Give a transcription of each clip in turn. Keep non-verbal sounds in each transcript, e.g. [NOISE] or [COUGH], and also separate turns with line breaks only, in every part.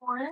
What?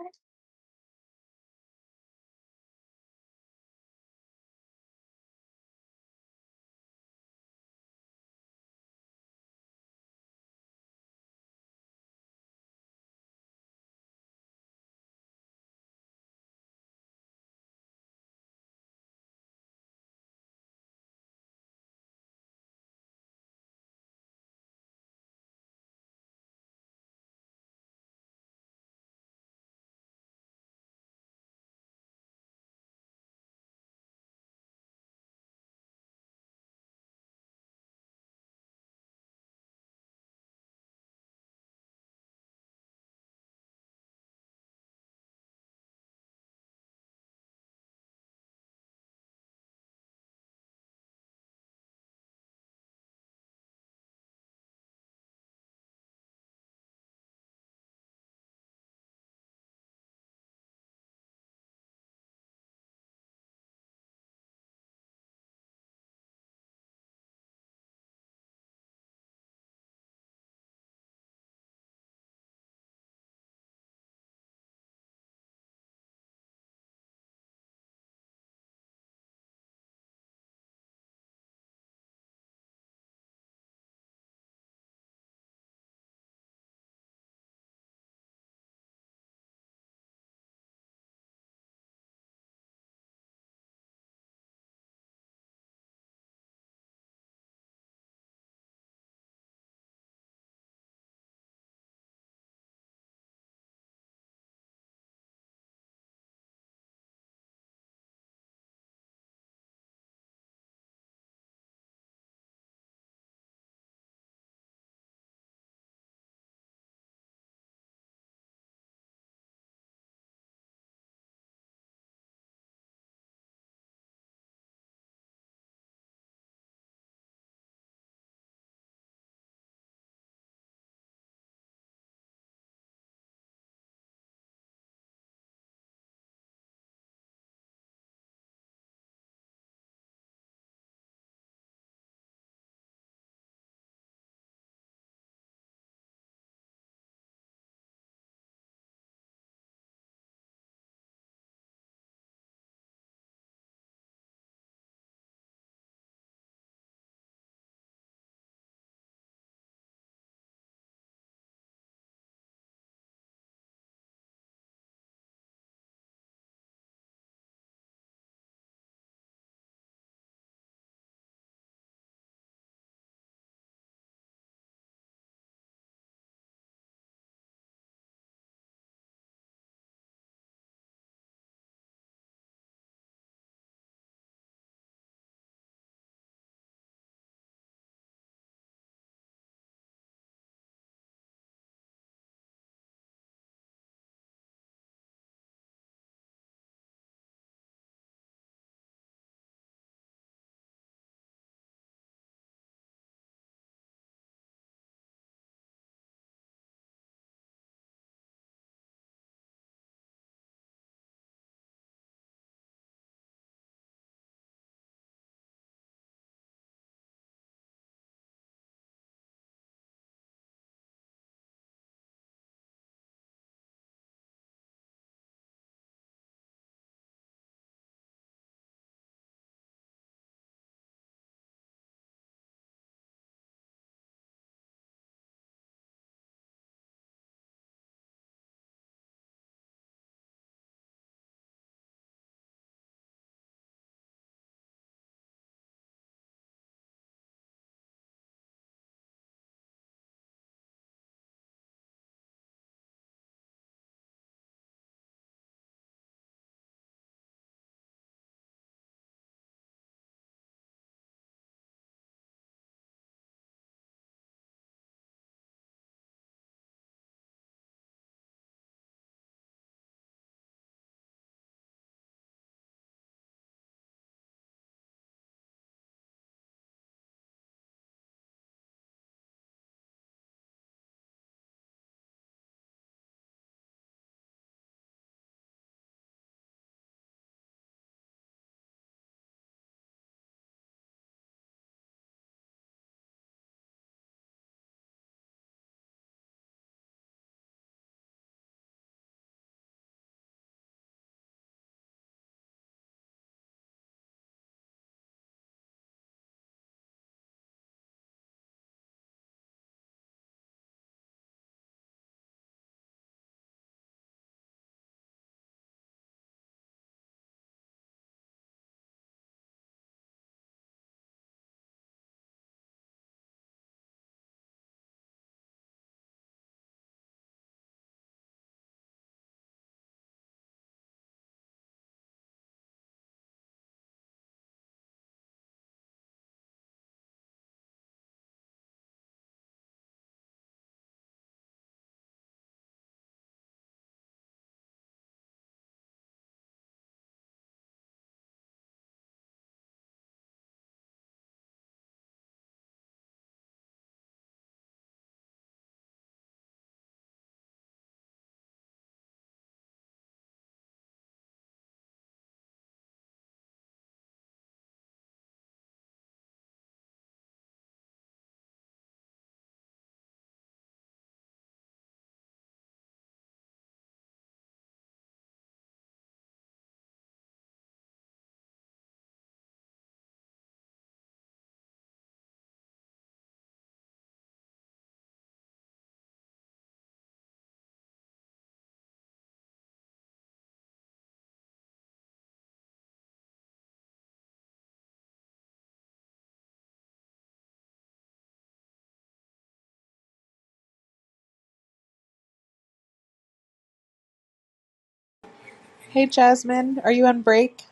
Hey Jasmine, are you on break?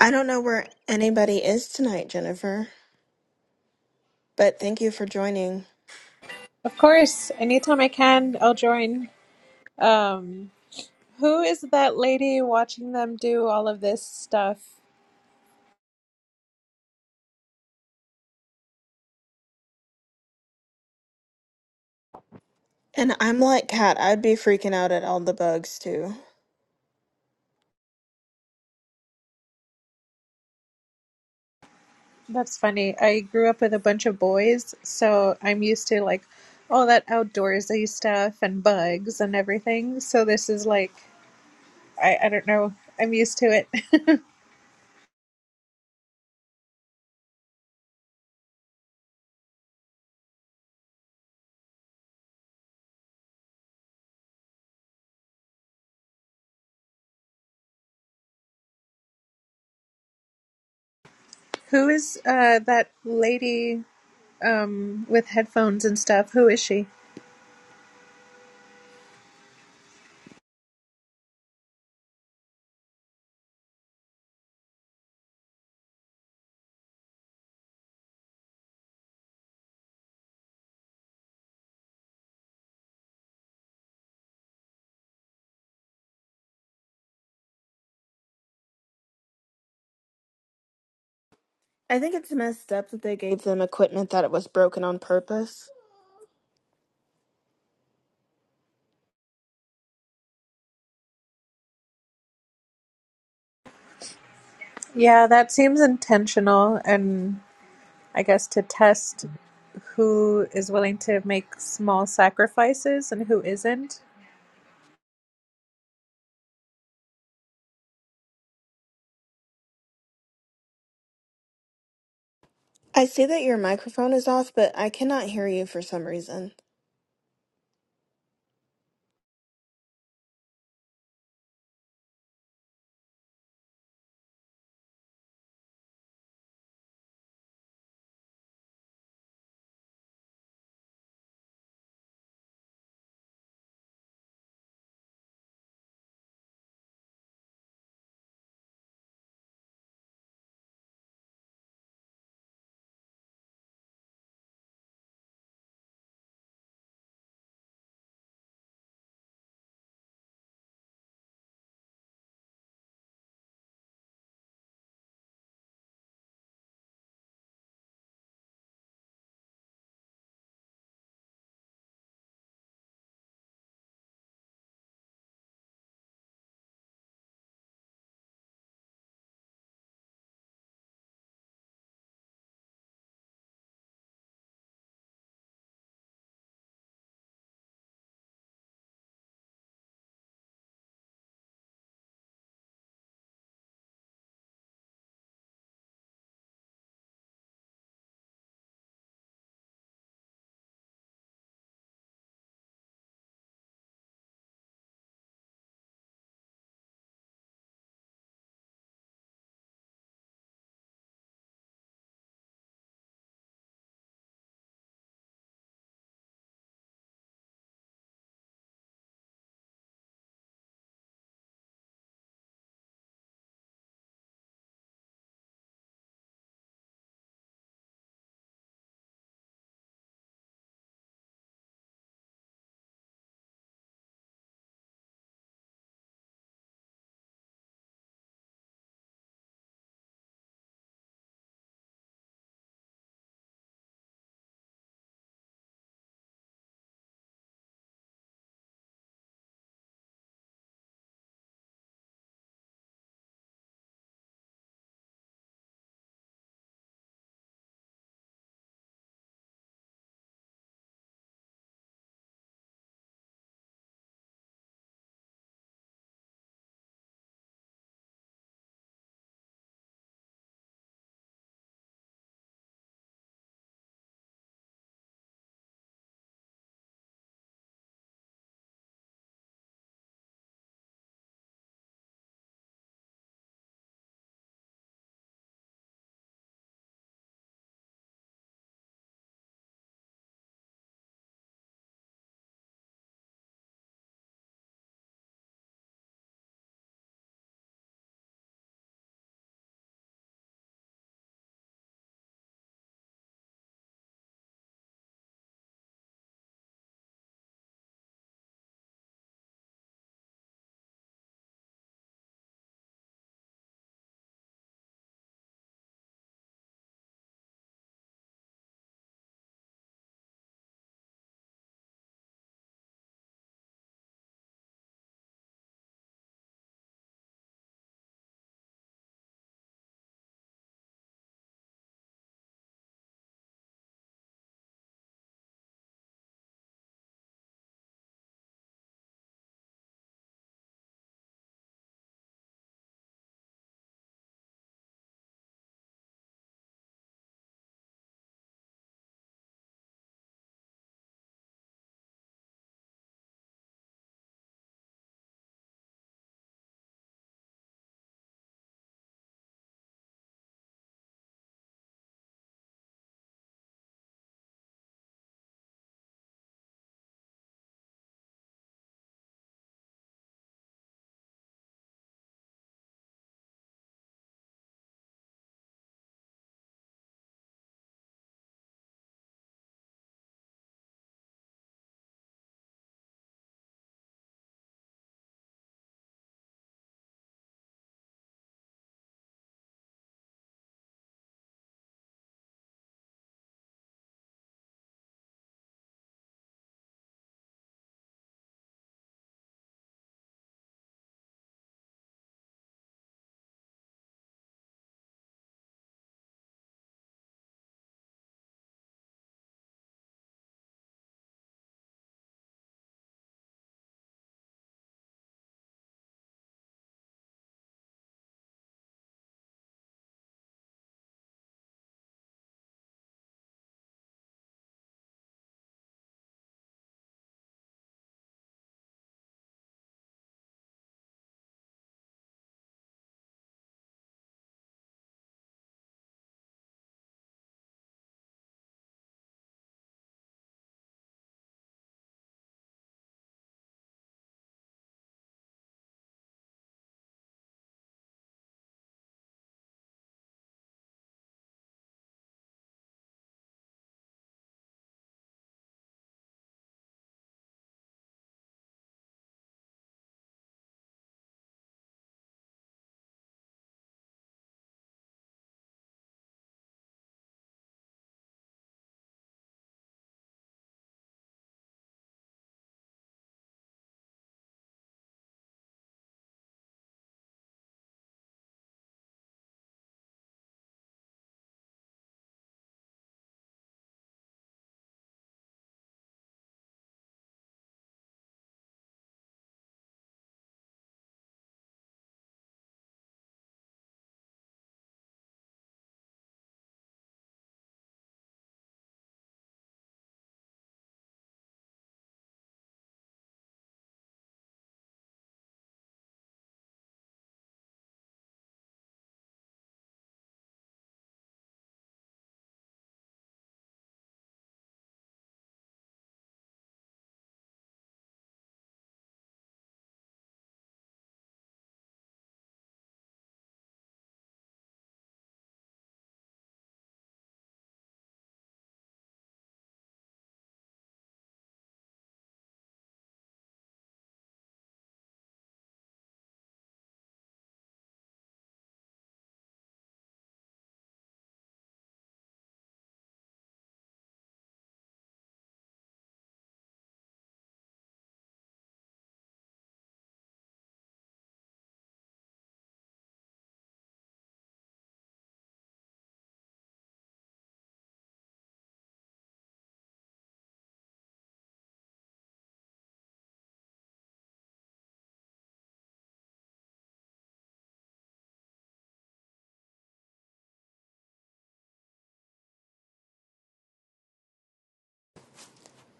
I don't know where anybody is tonight, Jennifer, but thank you for joining.
Of course, anytime I can, I'll join. Um, who is that lady watching them do all of this stuff?
And I'm like Kat, I'd be freaking out at all the bugs too.
That's funny. I grew up with a bunch of boys, so I'm used to like all that outdoorsy stuff and bugs and everything. So this is like I, I don't know. I'm used to it. [LAUGHS] who is uh that lady um with headphones and stuff? Who is she?
I think it's messed up that they gave them equipment that it was broken on purpose.
Yeah, that seems intentional and I guess, to test who is willing to make small sacrifices and who isn't.
I see that your microphone is off, but I cannot hear you for some reason.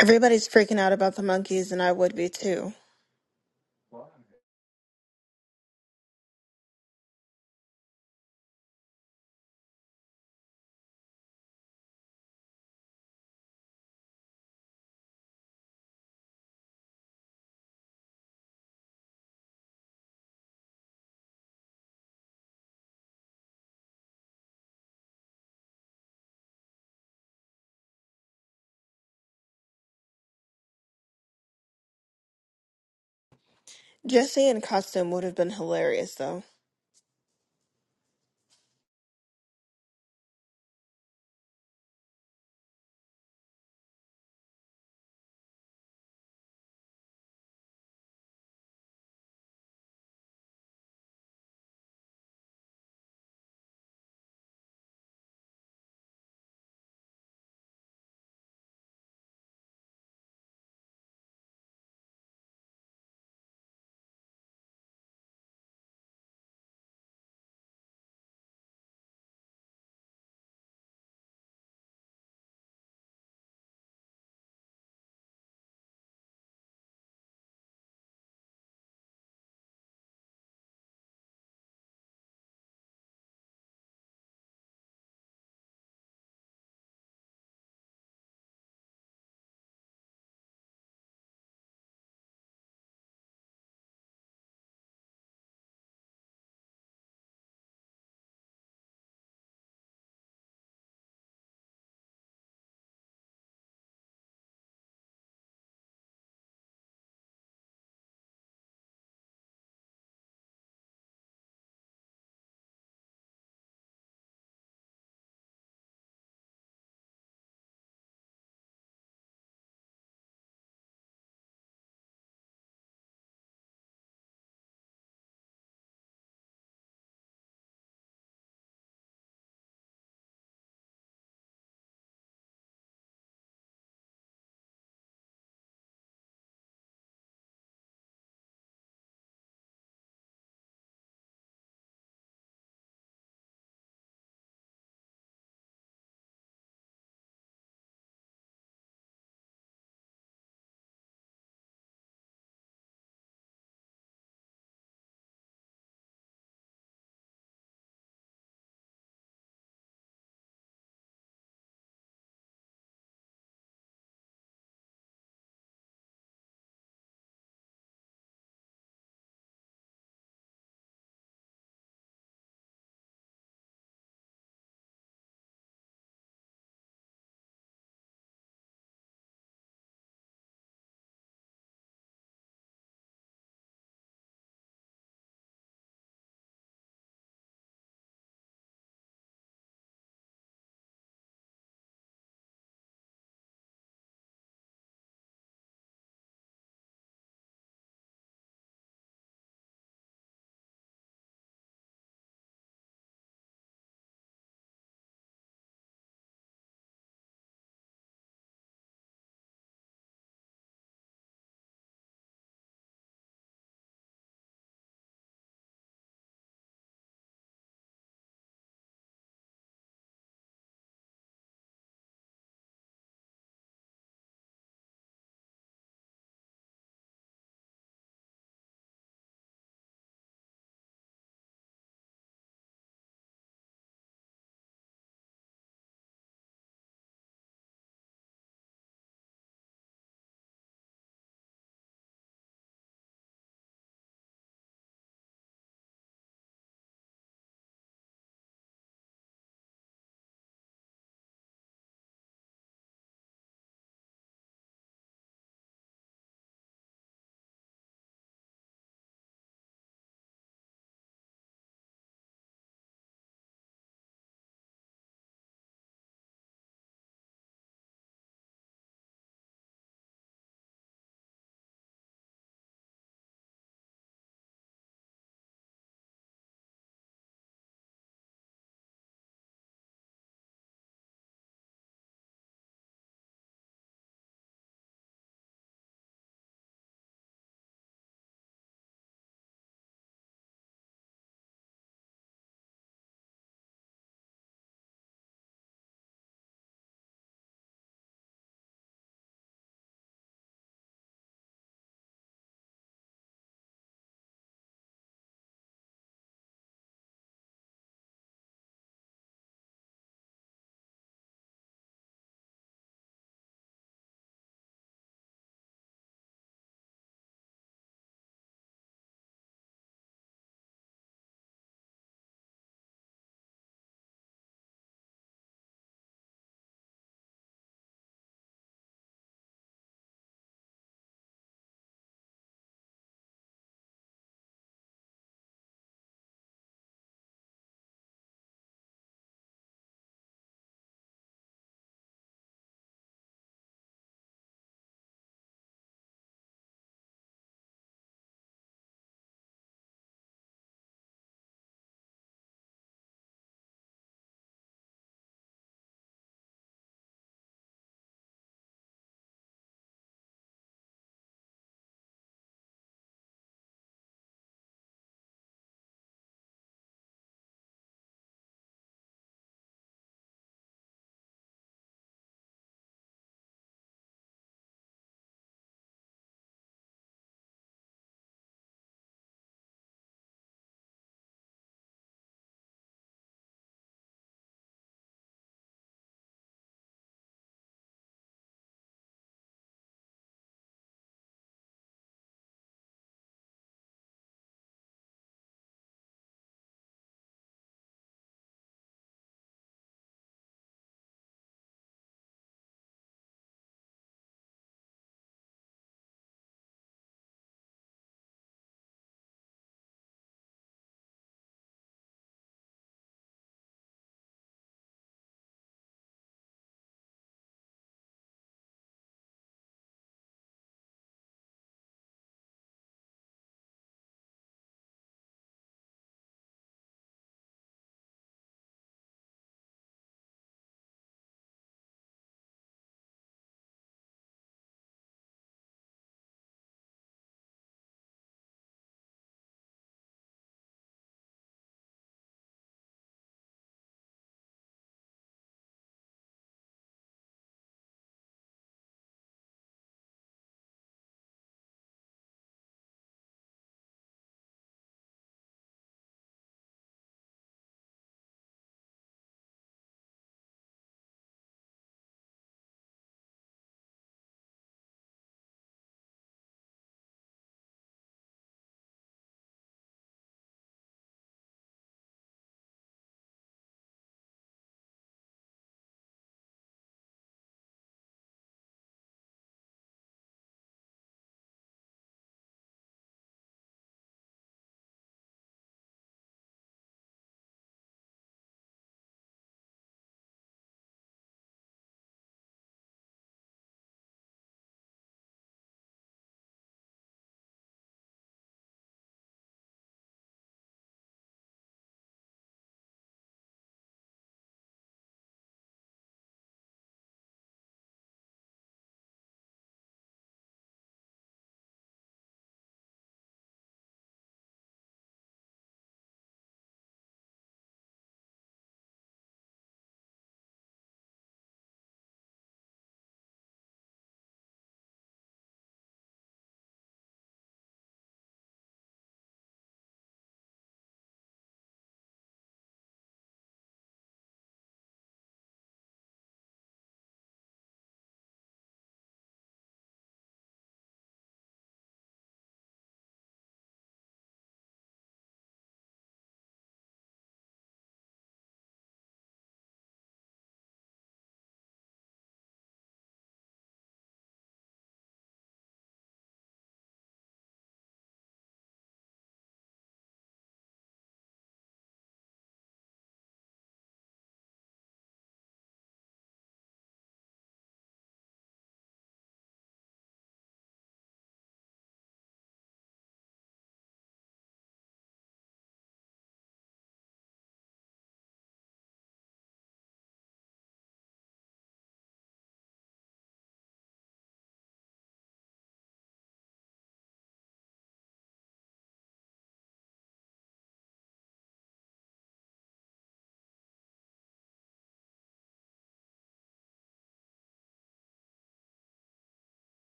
Everybody's freaking out about the monkeys, and I would be too. Jesse in costume would have been hilarious, though.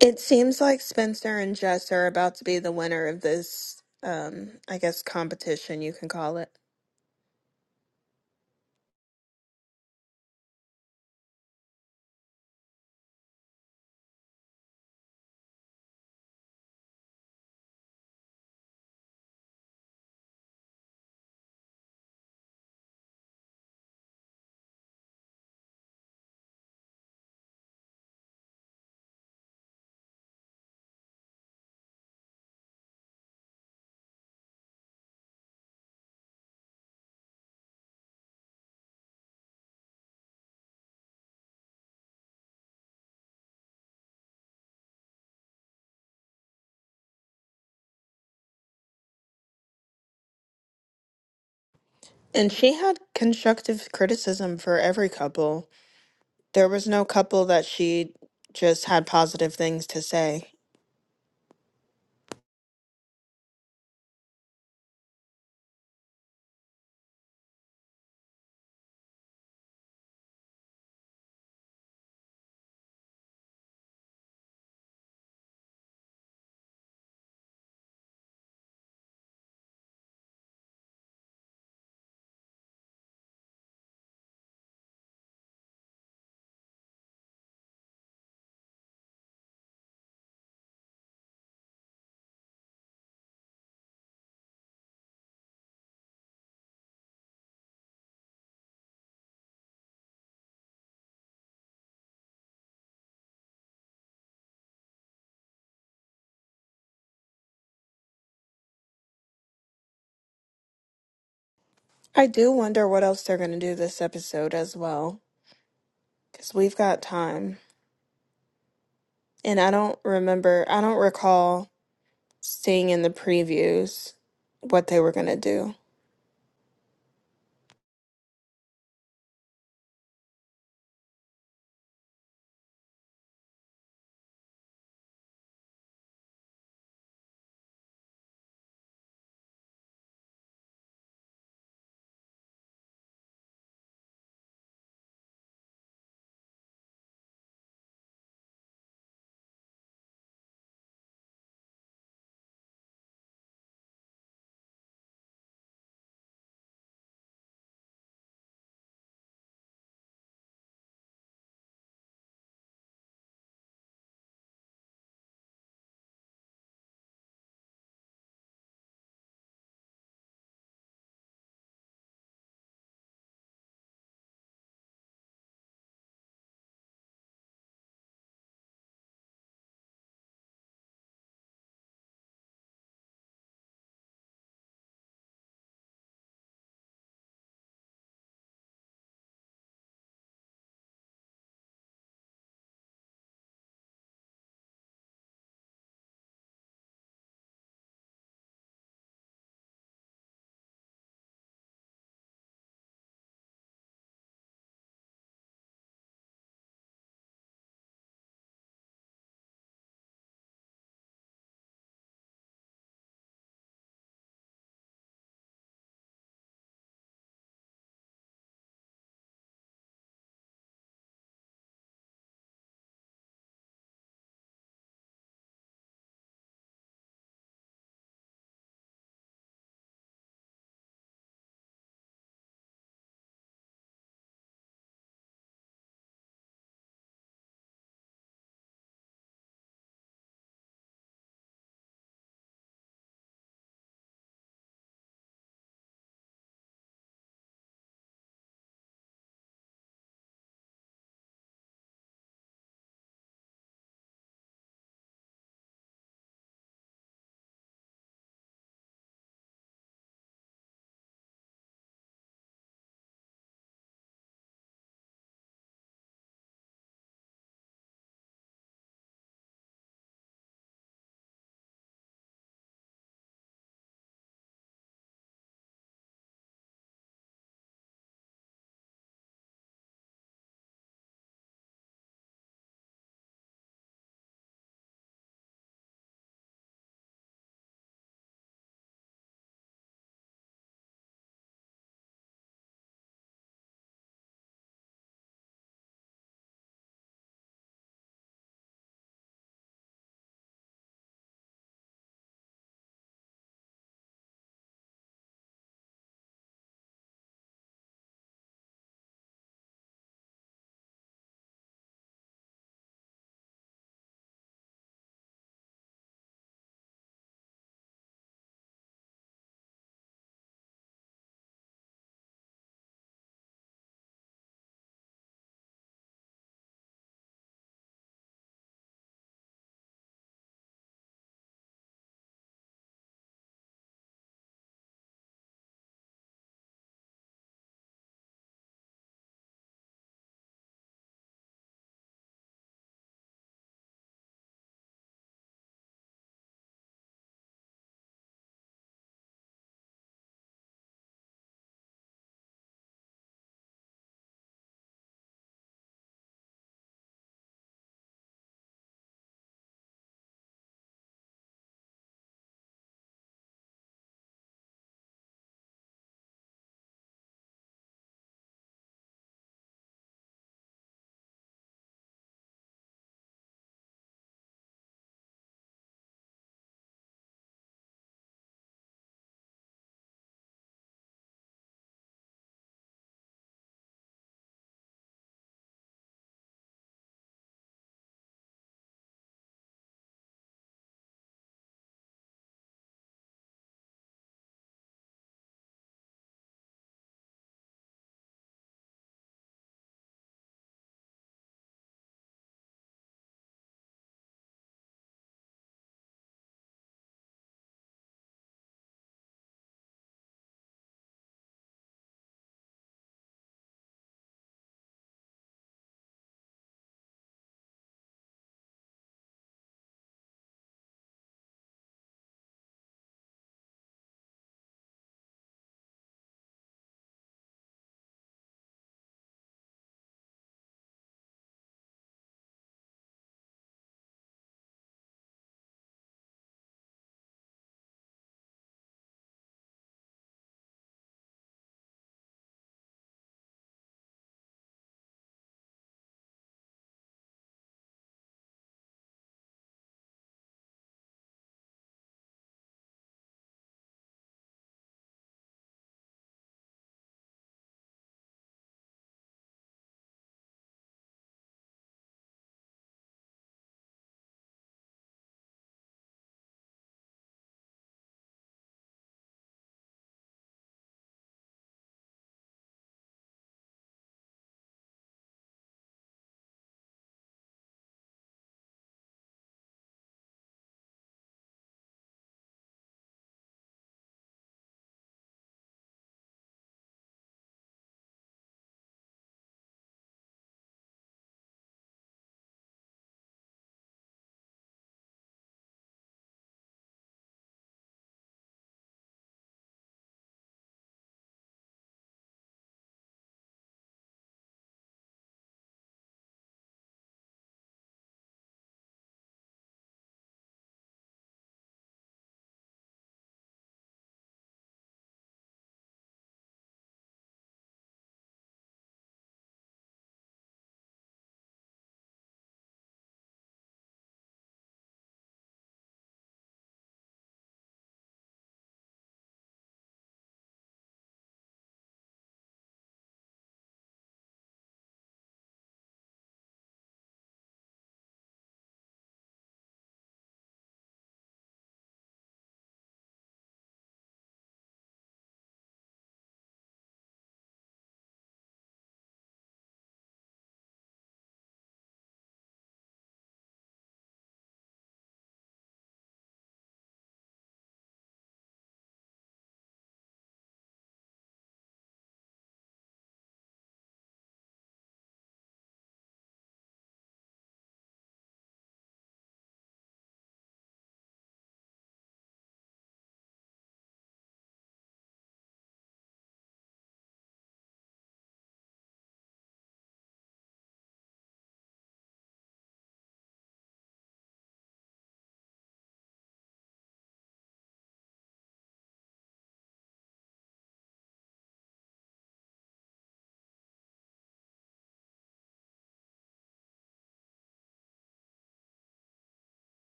It seems like Spencer and Jess are about to be the winner of this, um, I guess, competition, you can call it. And she had constructive criticism for every couple. There was no couple that she just had positive things to say. I do wonder what else they're going to do this episode as well, because we've got time. And I don't remember, I don't recall seeing in the previews what they were going to do.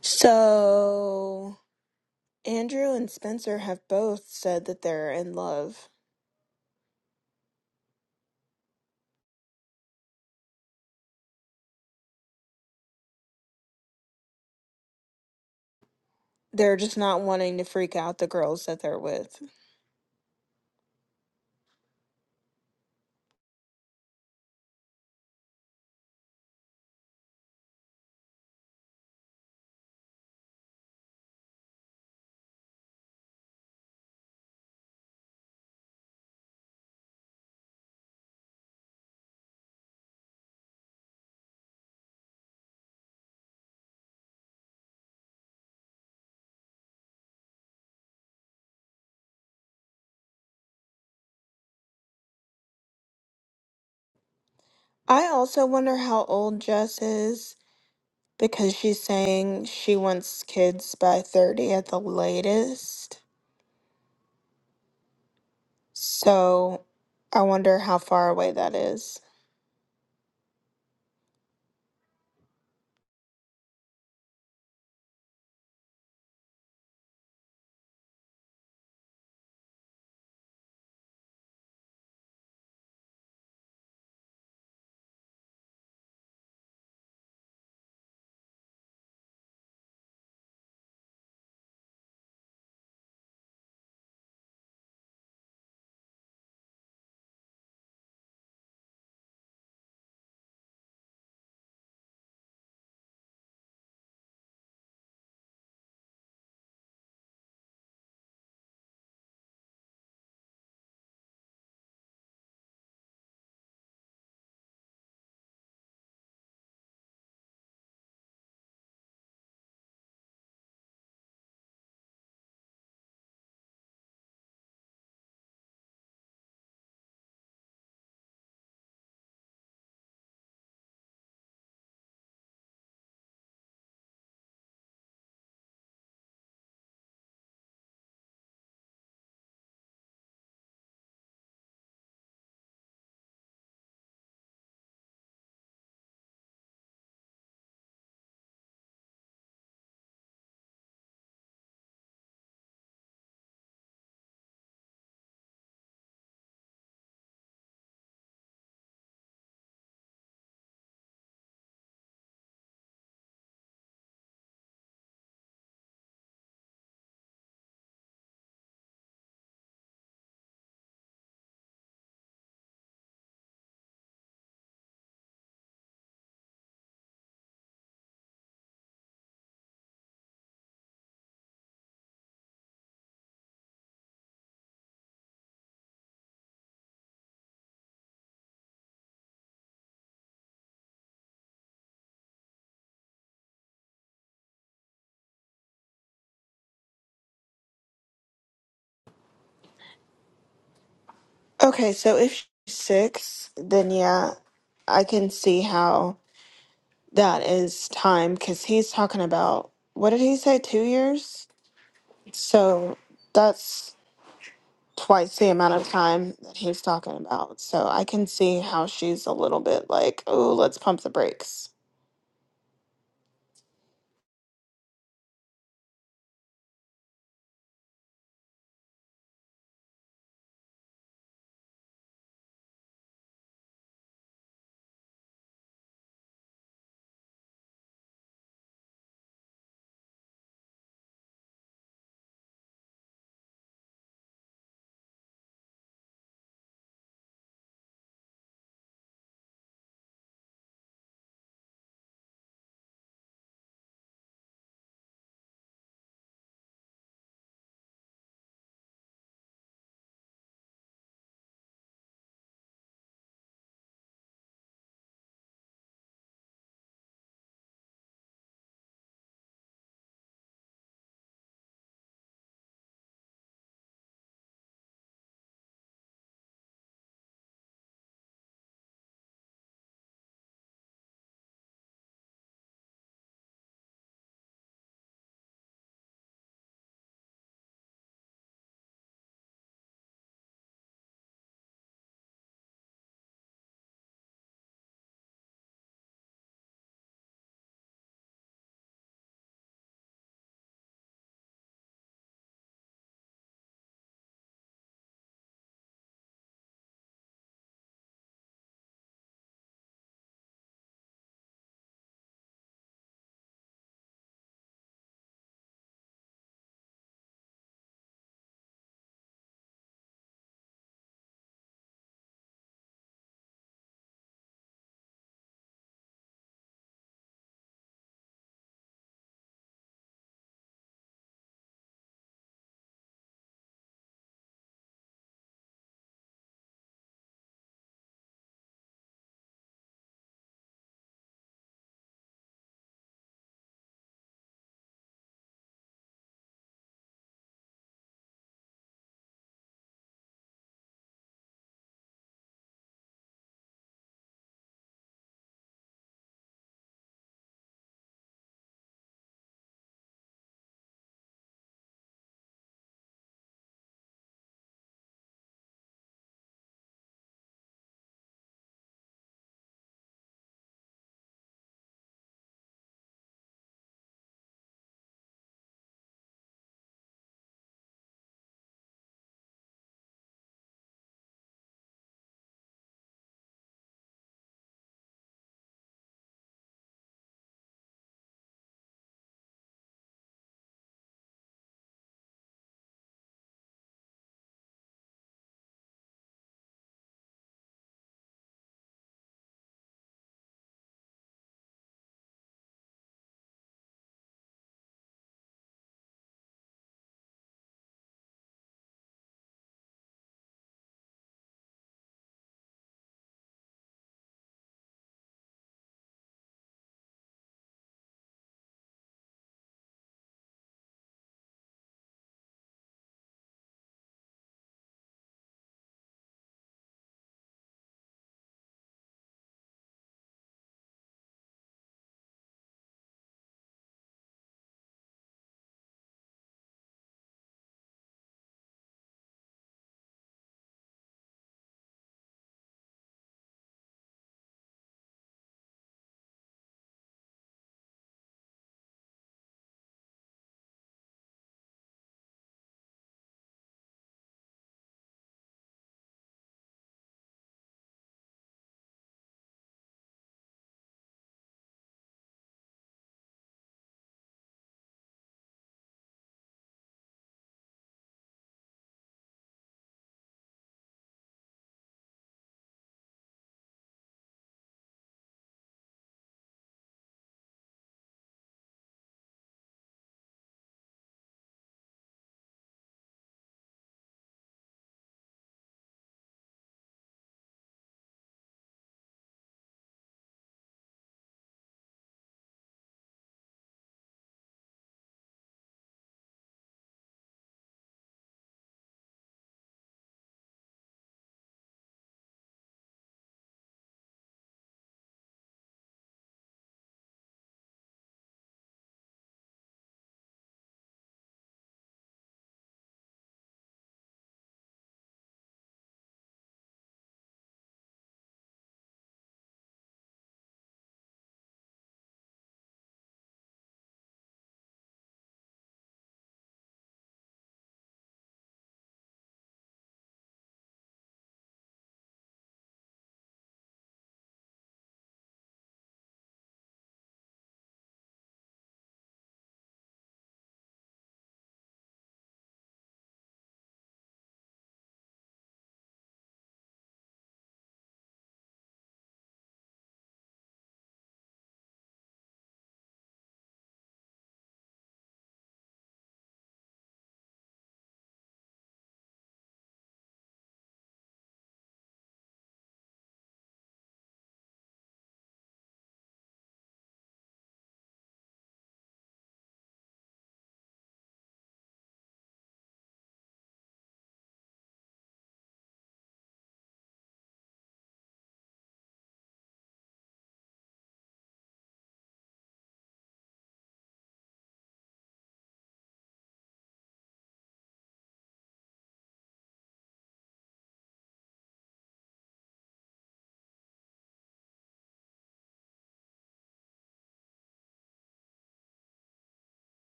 So, Andrew and Spencer have both said that they're in love. They're just not wanting to freak out the girls that they're with. I also wonder how old Jess is because she's saying she wants kids by 30 at the latest. So I wonder how far away that is. Okay, so if she's six, then yeah, I can see how that is time because he's talking about what did he say, two years? So that's twice the amount of time that he's talking about. So I can see how she's a little bit like, oh, let's pump the brakes.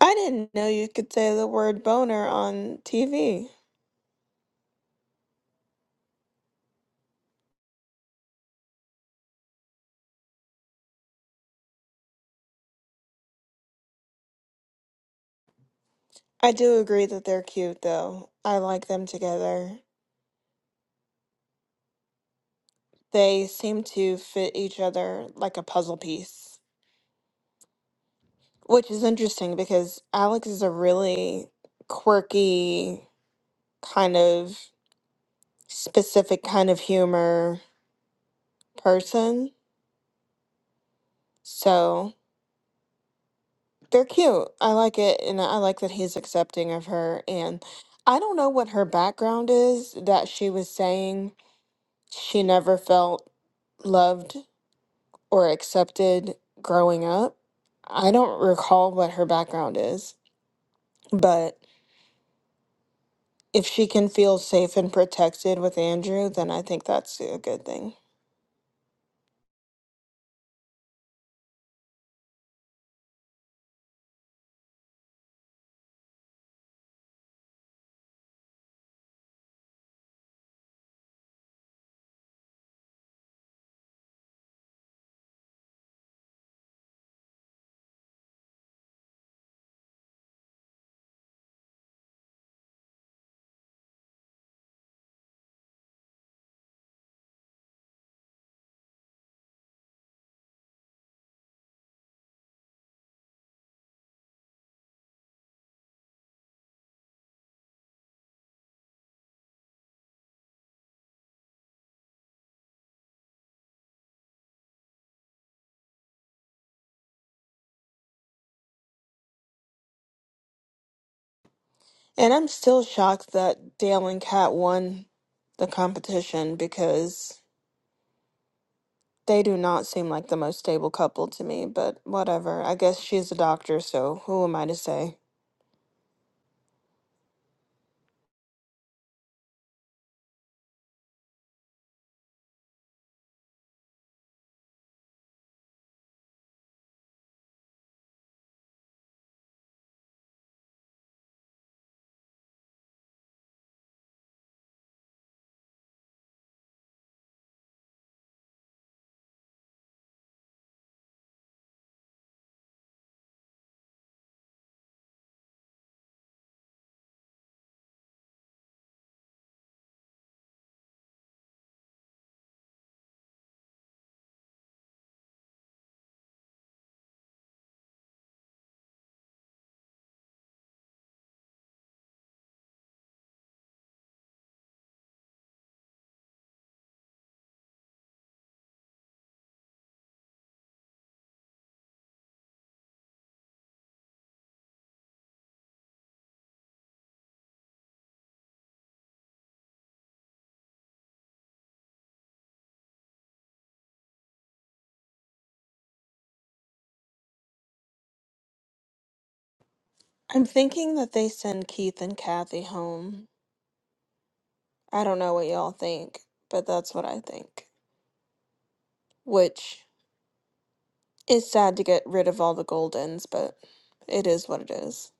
I didn't know you could say the word boner on TV. I do agree that they're cute, though. I like them together. They seem to fit each other like a puzzle piece, which is interesting because Alex is a really quirky, kind of specific kind of humor person. So they're cute. I like it, and I like that he's accepting of her. And I don't know what her background is that she was saying she never felt loved or accepted growing up. I don't recall what her background is, but if she can feel safe and protected with Andrew, then I think that's a good thing. And I'm still shocked that Dale and Kat won the competition because they do not seem like the most stable couple to me, but whatever. I guess she's a doctor, so who am I to say? I'm thinking that they send Keith and Kathy home I don't know what y'all think, but that's what I think. Which is sad to get rid of all the Goldens, but it is what it is.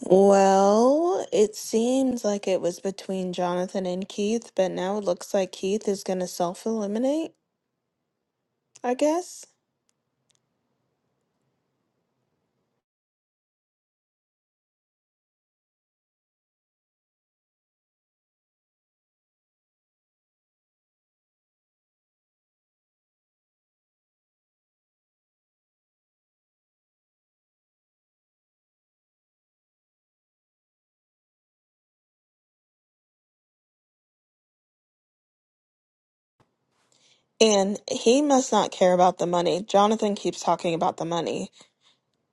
Well, it seems like it was between Jonathan and Keith, but now it looks like Keith is going to self eliminate, I guess. And he must not care about the money. Jonathan keeps talking about the money,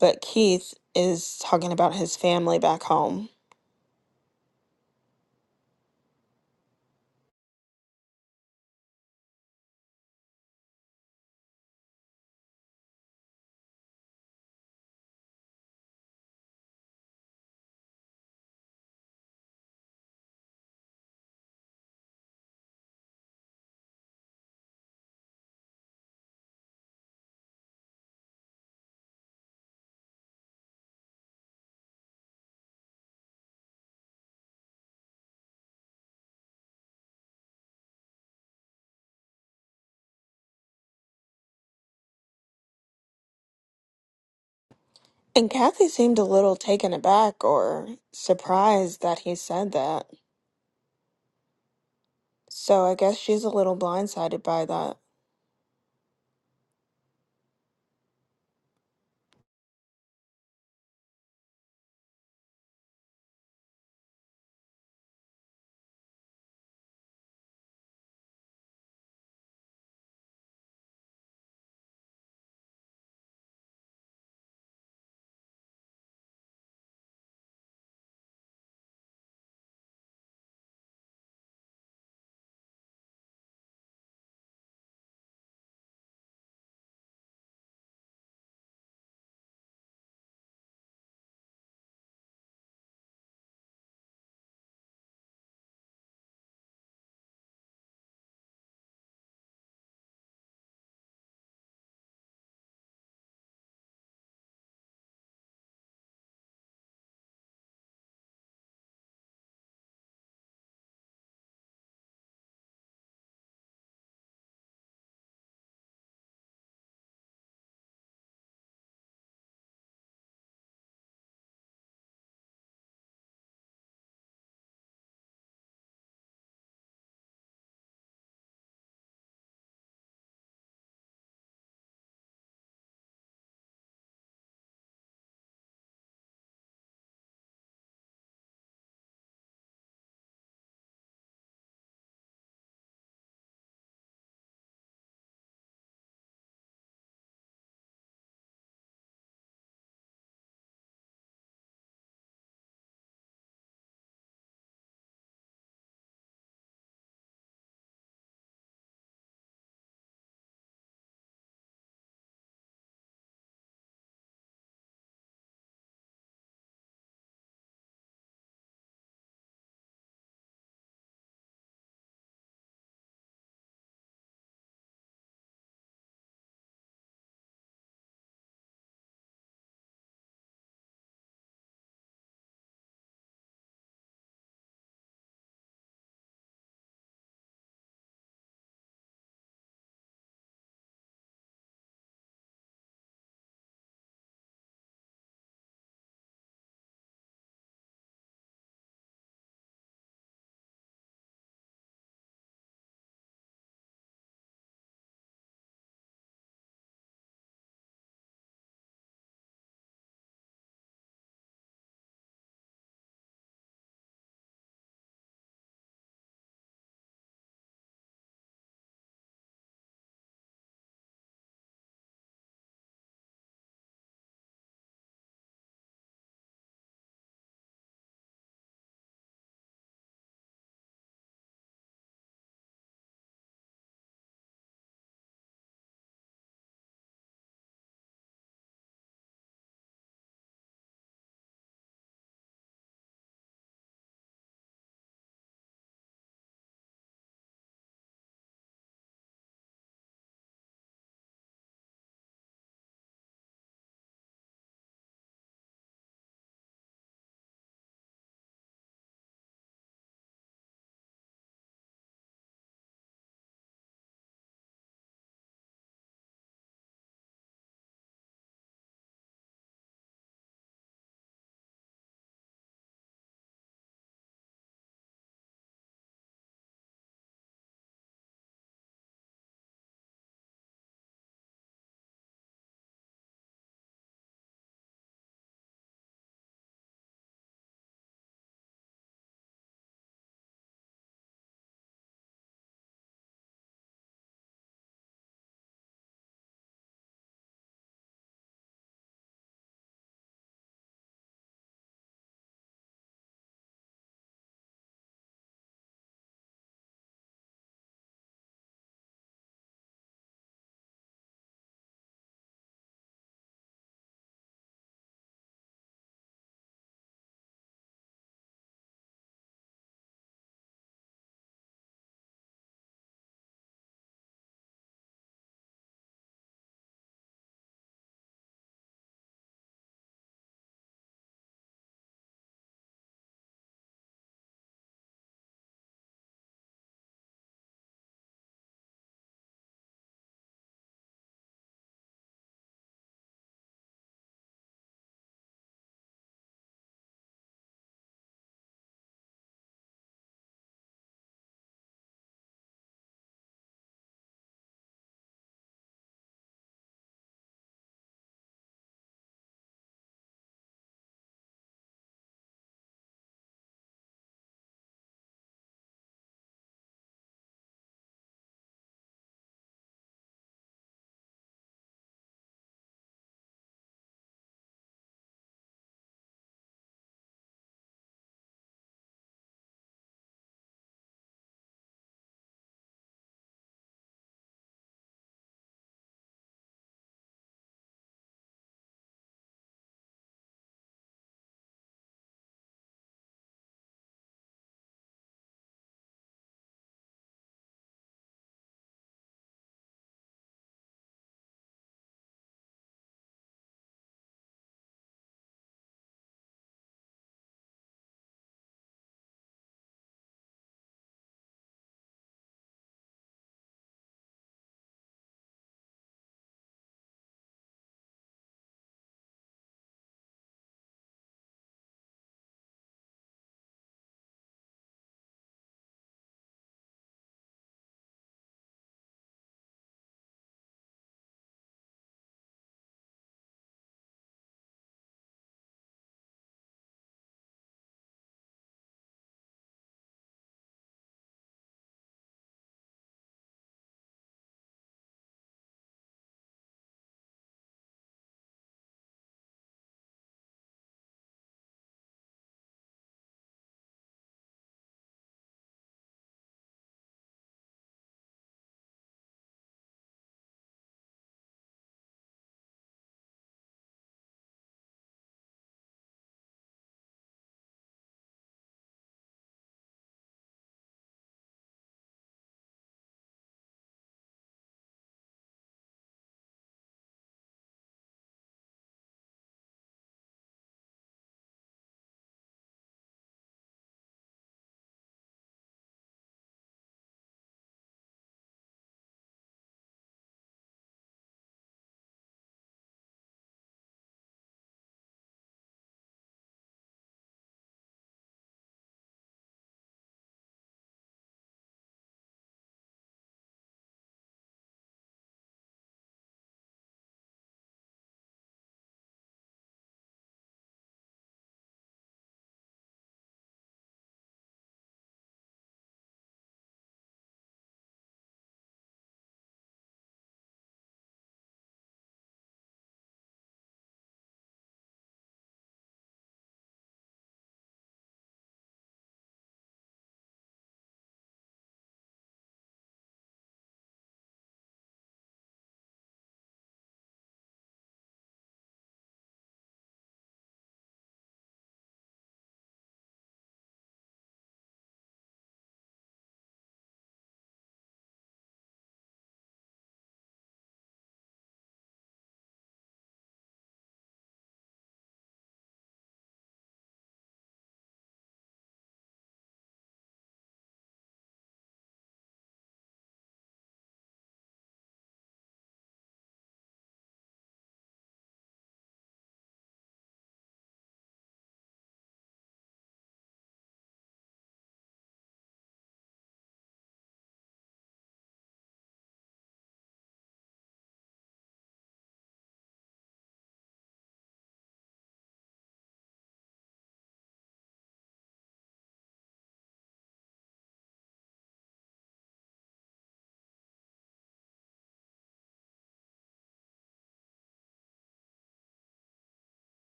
but Keith is talking about his family back home. And Kathy seemed a little taken aback or surprised that he said that. So I guess she's a little blindsided by that.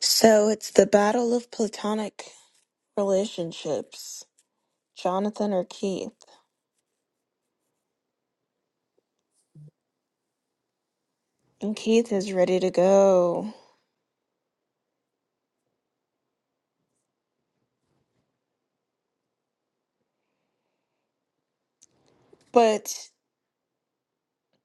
So it's the battle of platonic relationships. Jonathan or Keith? And Keith is ready to go. But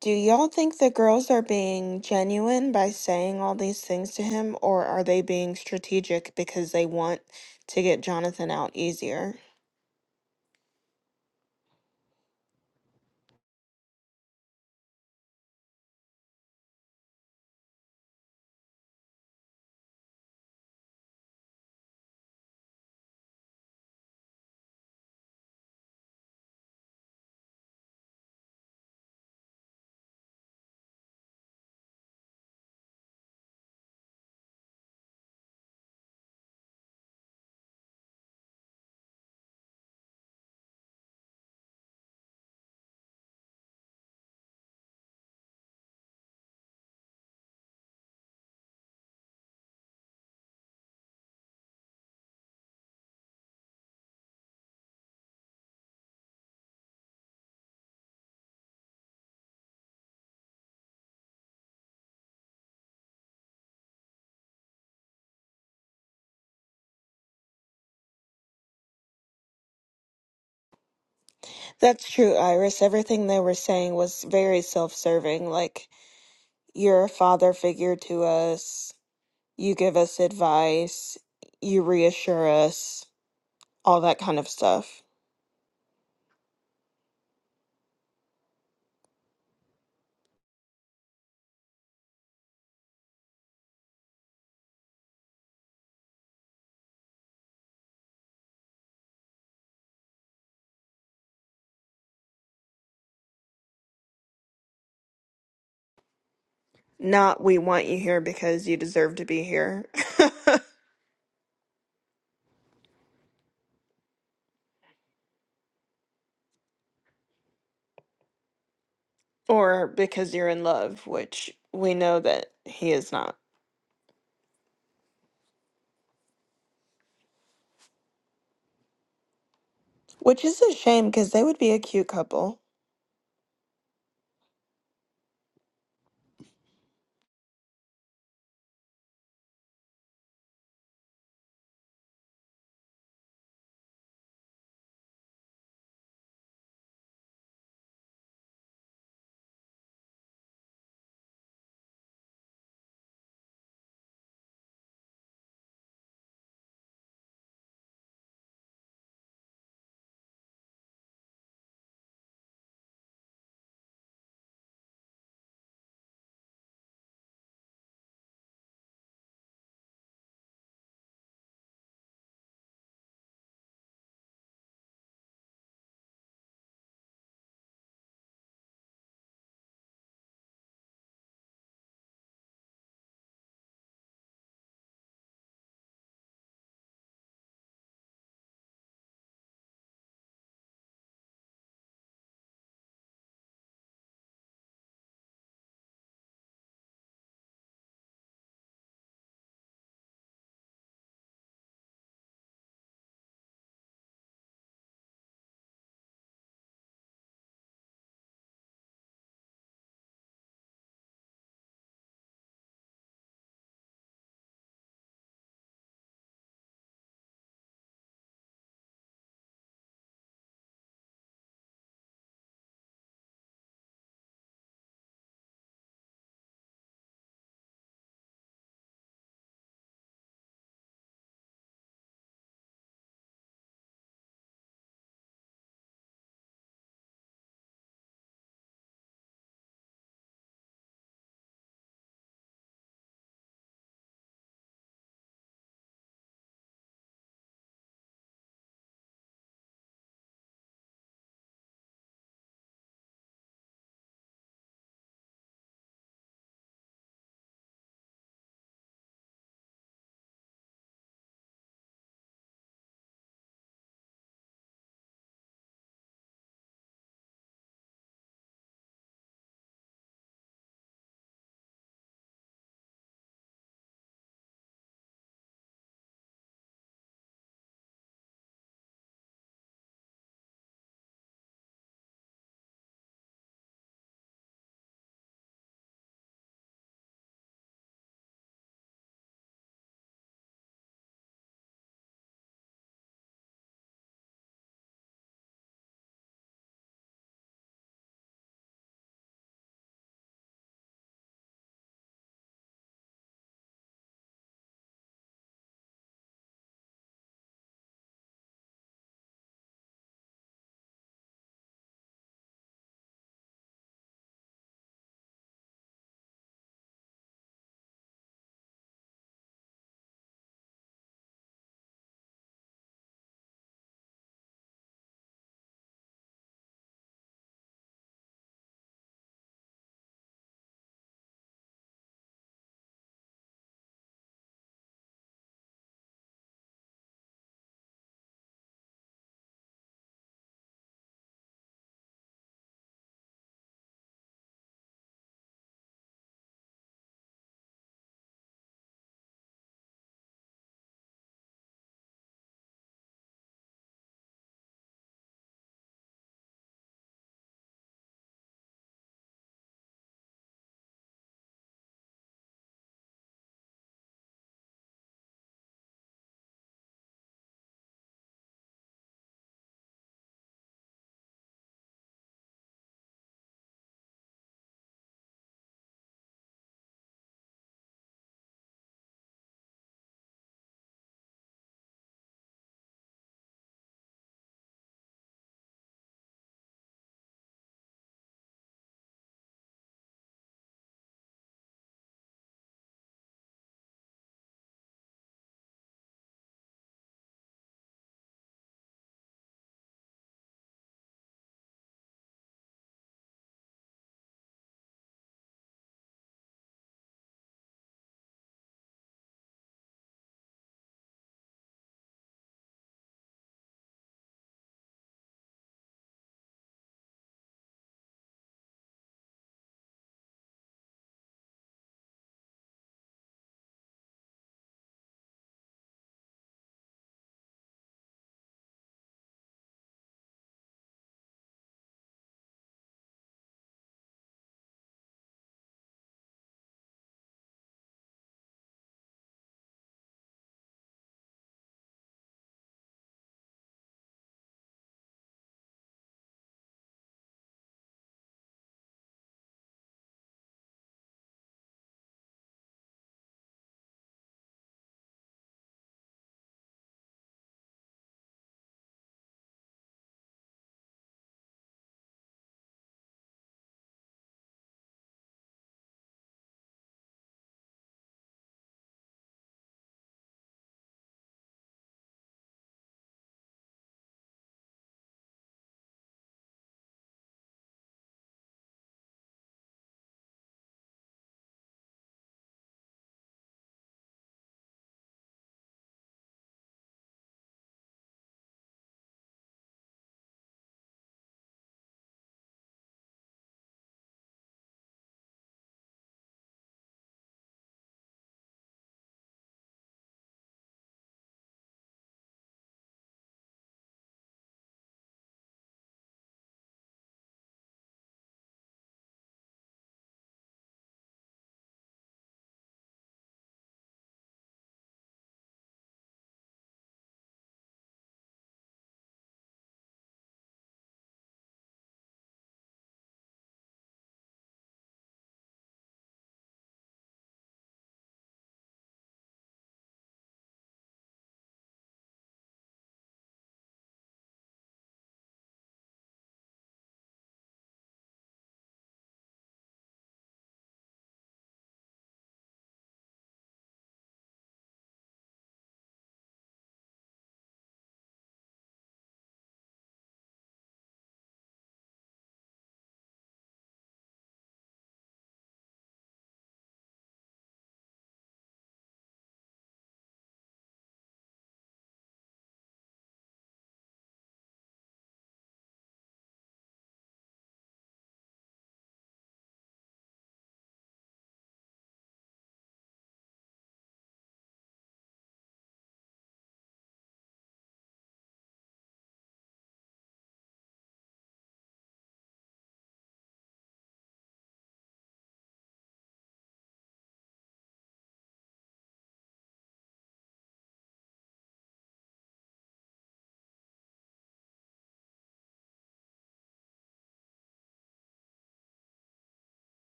do y'all think the girls are being genuine by saying all these things to him, or are they being strategic because they want to get Jonathan out easier? That's true, Iris. Everything they were saying was very self serving. Like, You're a father figure to us. You give us advice. You reassure us. All that kind of stuff. Not we want you here because you deserve to be here [LAUGHS] or because you're in love, which we know that he is not. Which is a shame because they would be a cute couple.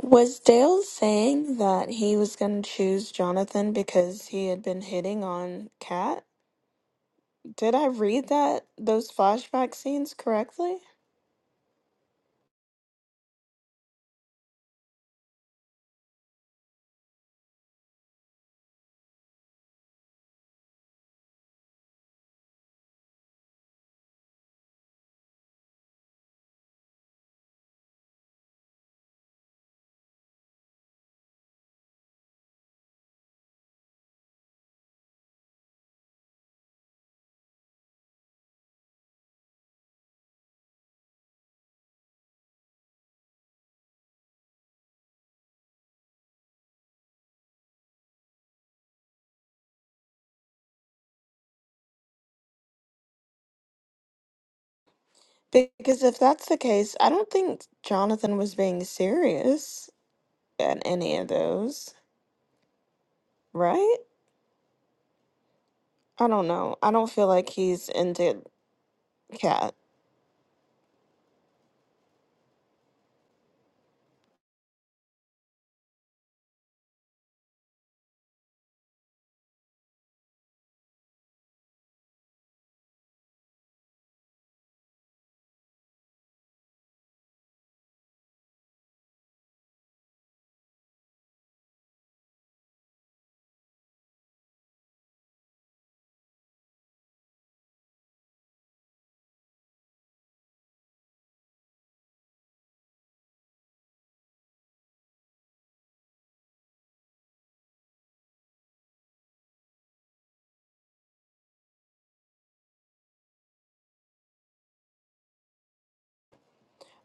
Was Dale saying that he was going to choose Jonathan because he had been hitting on Kat? Did I read that those flashback scenes correctly? Because if that's the case, I don't think Jonathan was being serious at any of those, right? I don't know. I don't feel like he's into Cat.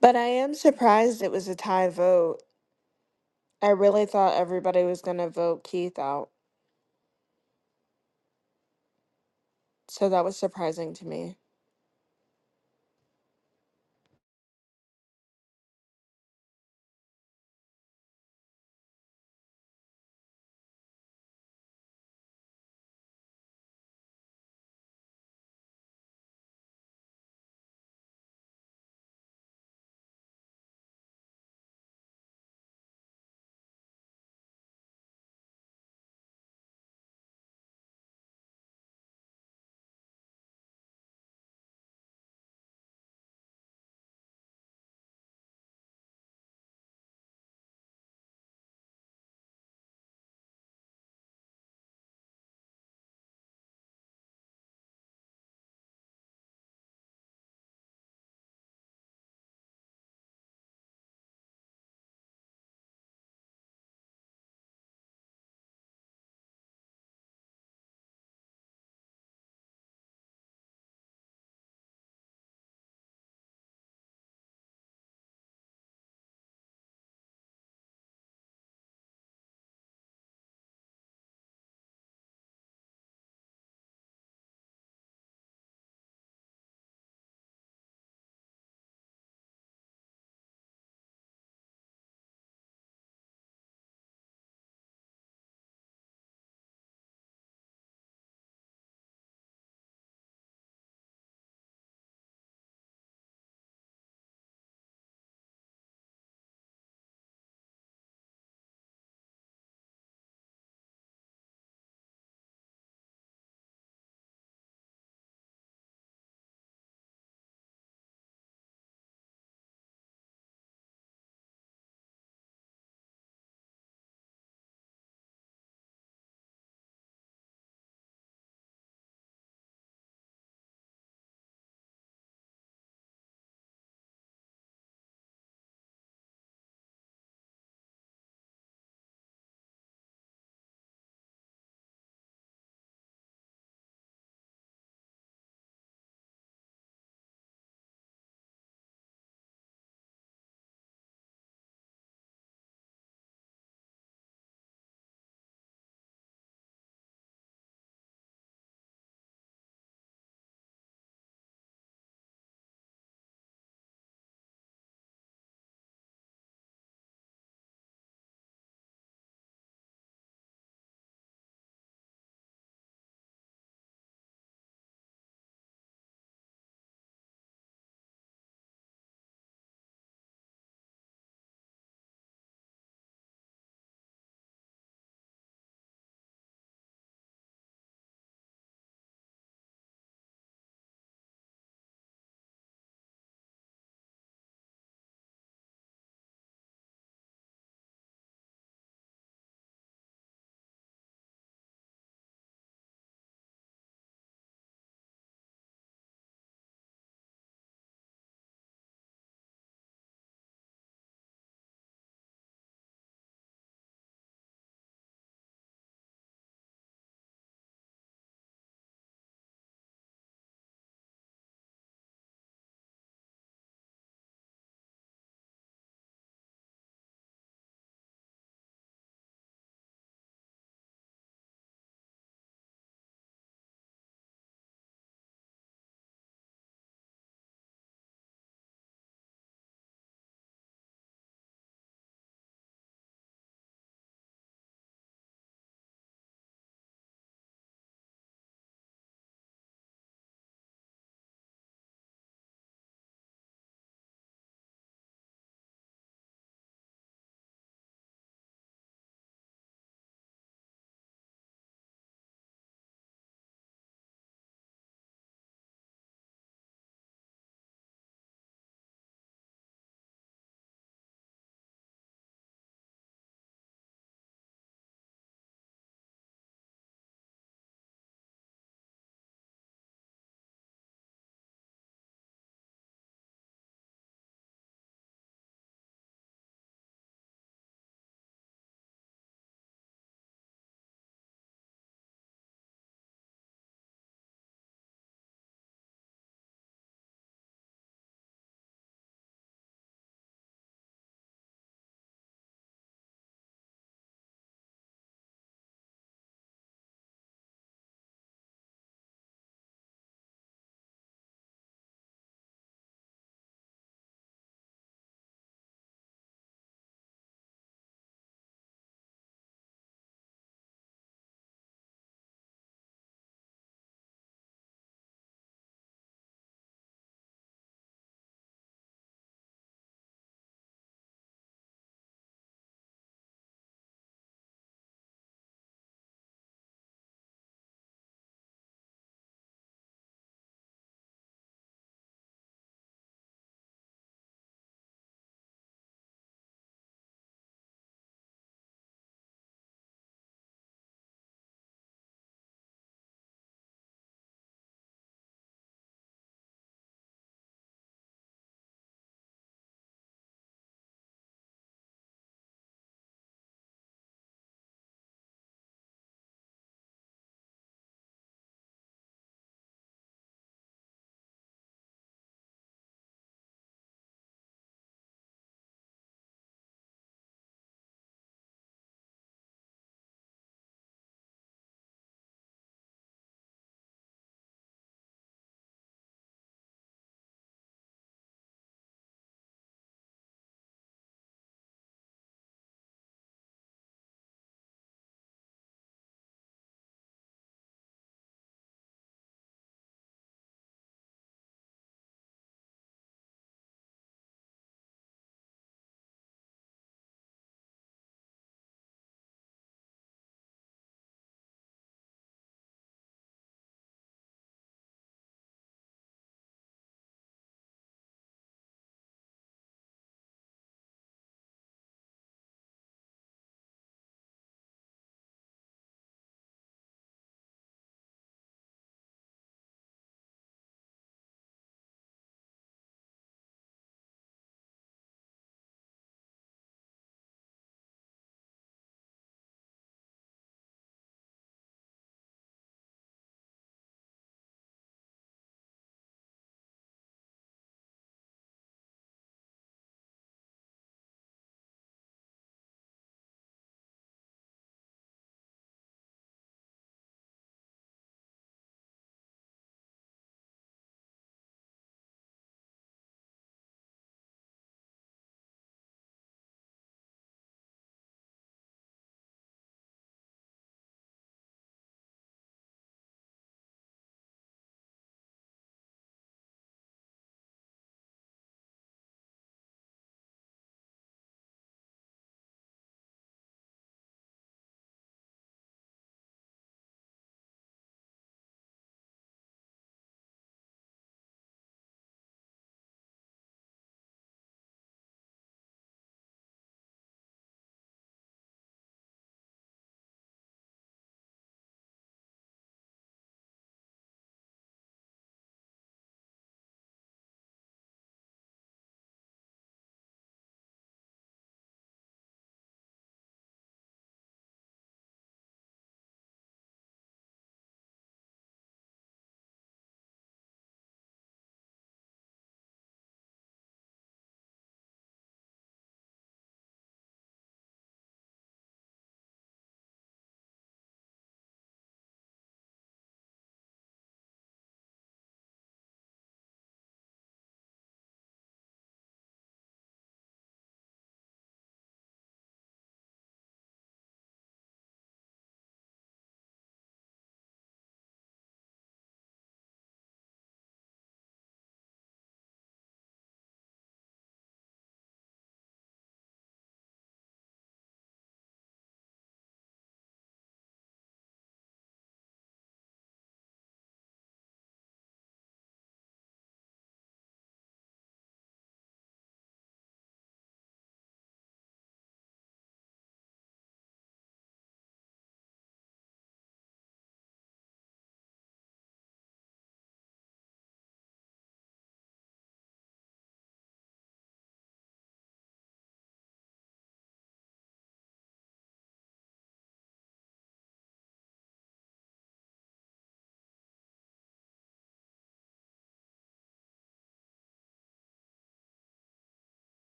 But I am surprised it was a tie vote. I really thought everybody was going to vote Keith out. So that was surprising to me.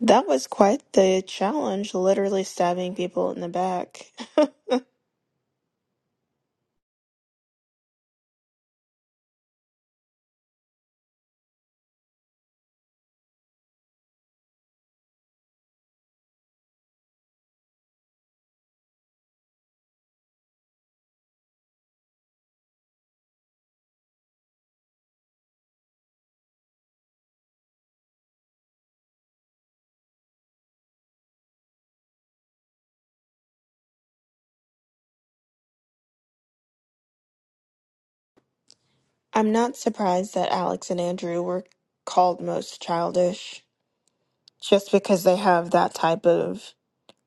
That was quite the challenge, literally stabbing people in the back. [LAUGHS] I'm not surprised that Alex and Andrew were called most childish just because they have that type of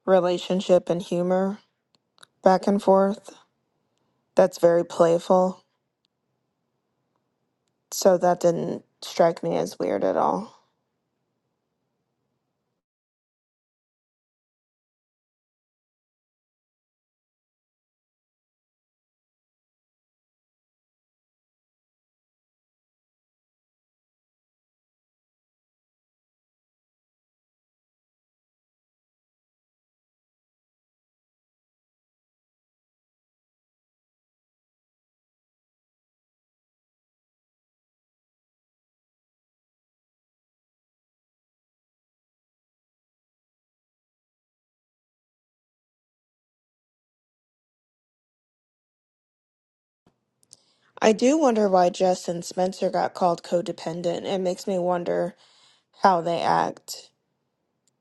relationship and humor back and forth that's very playful. So that didn't strike me as weird at all. I do wonder why Jess and Spencer got called codependent. It makes me wonder how they act,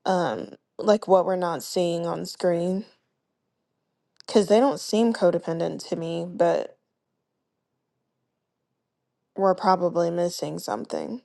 um, like what we're not seeing on screen. Because they don't seem codependent to me, but we're probably missing something.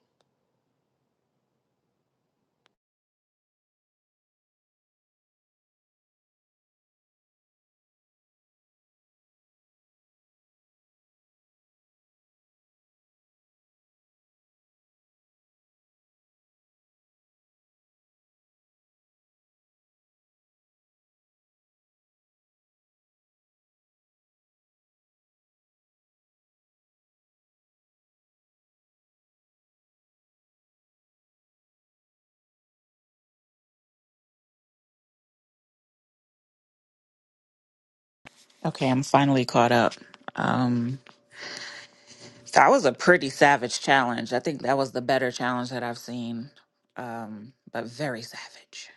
Okay, I'm finally caught up. Um, that was a pretty savage challenge. I think that was the better challenge that I've seen, um, but very savage.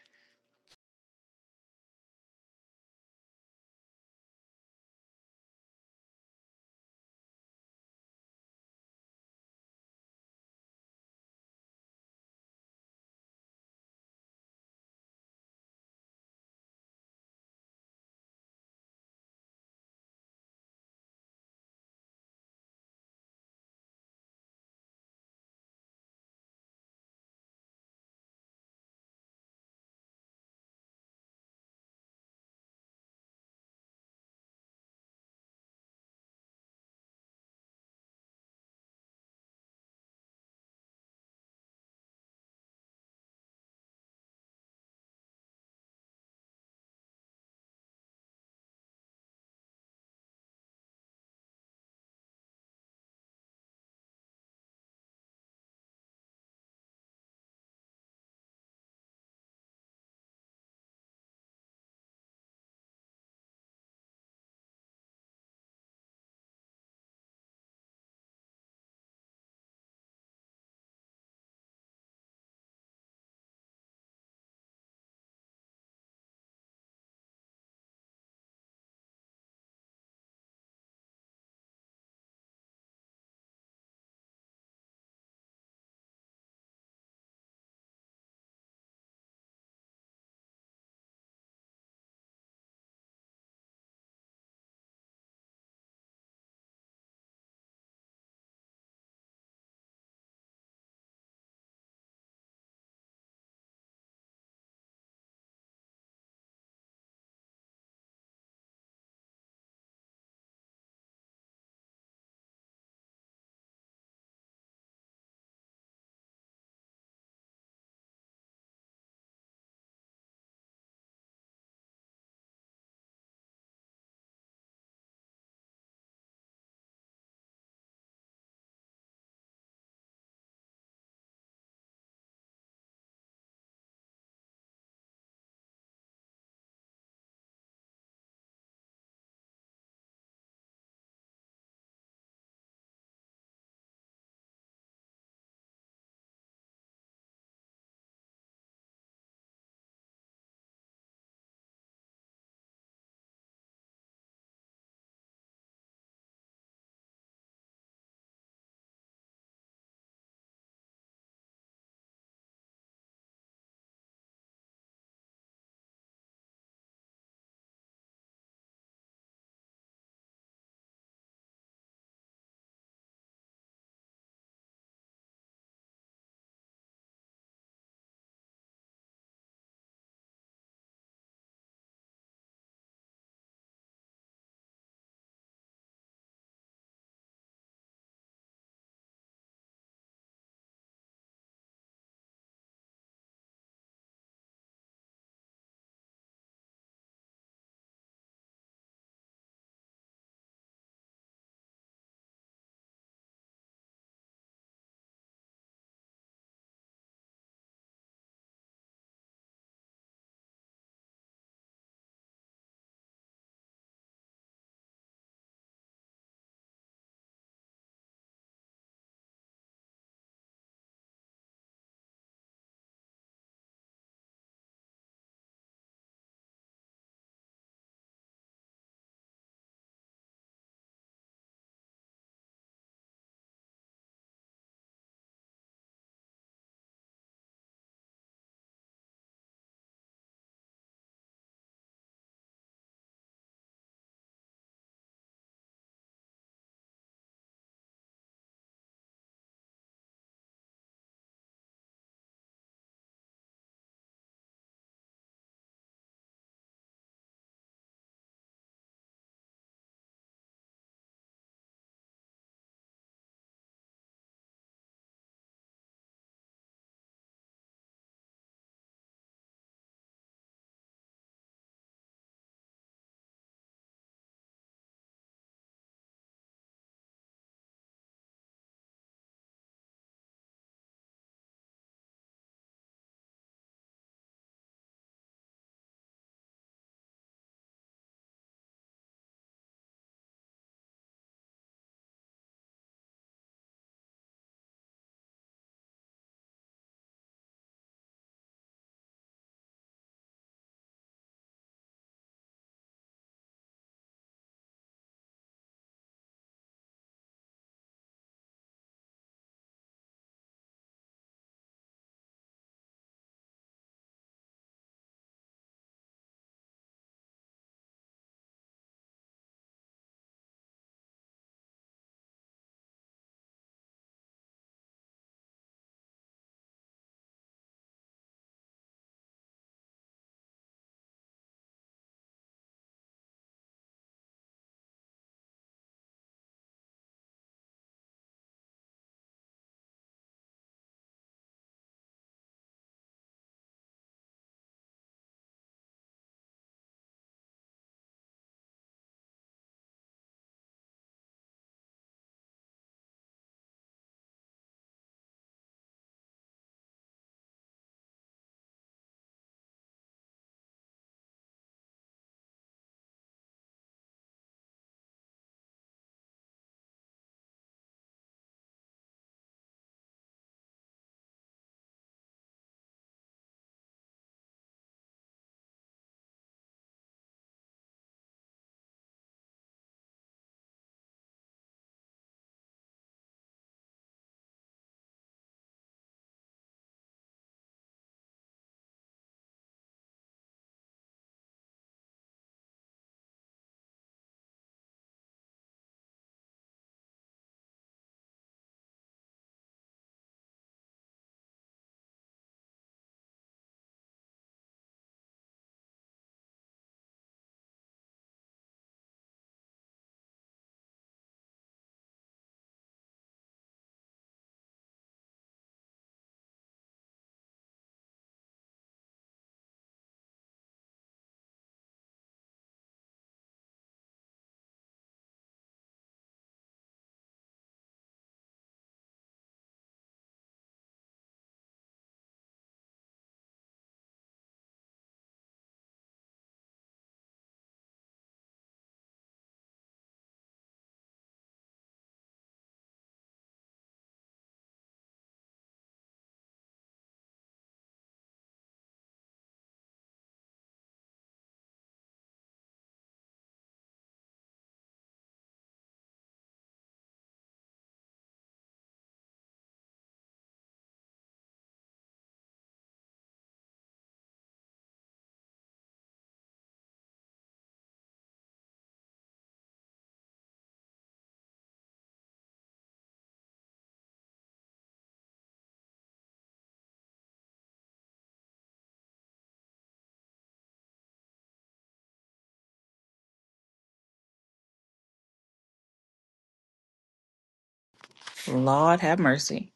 Lord have mercy.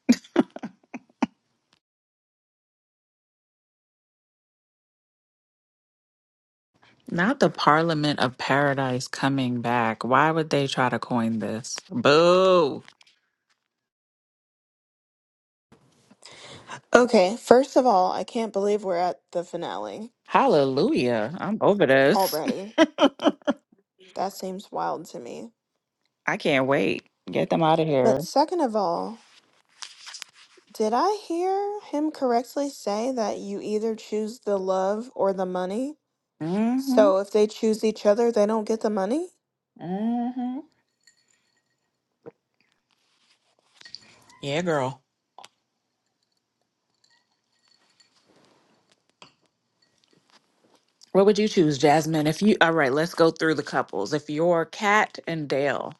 Not the Parliament of Paradise coming back. Why would they try to coin this? Boo!
Okay, first of all, I can't believe we're at the finale
Hallelujah. I'm over this.
already. That seems wild to me.
[LAUGHS] I can't wait. Get them out of
But
here.
second of all, Did I hear him correctly say that you either choose the love or the money?
Mm-hmm.
So if they choose each other, they don't get the money?
Mm-hmm. Yeah, girl. What would you choose, Jasmine? If you all right, let's go through the couples. If you're Cat and Dale,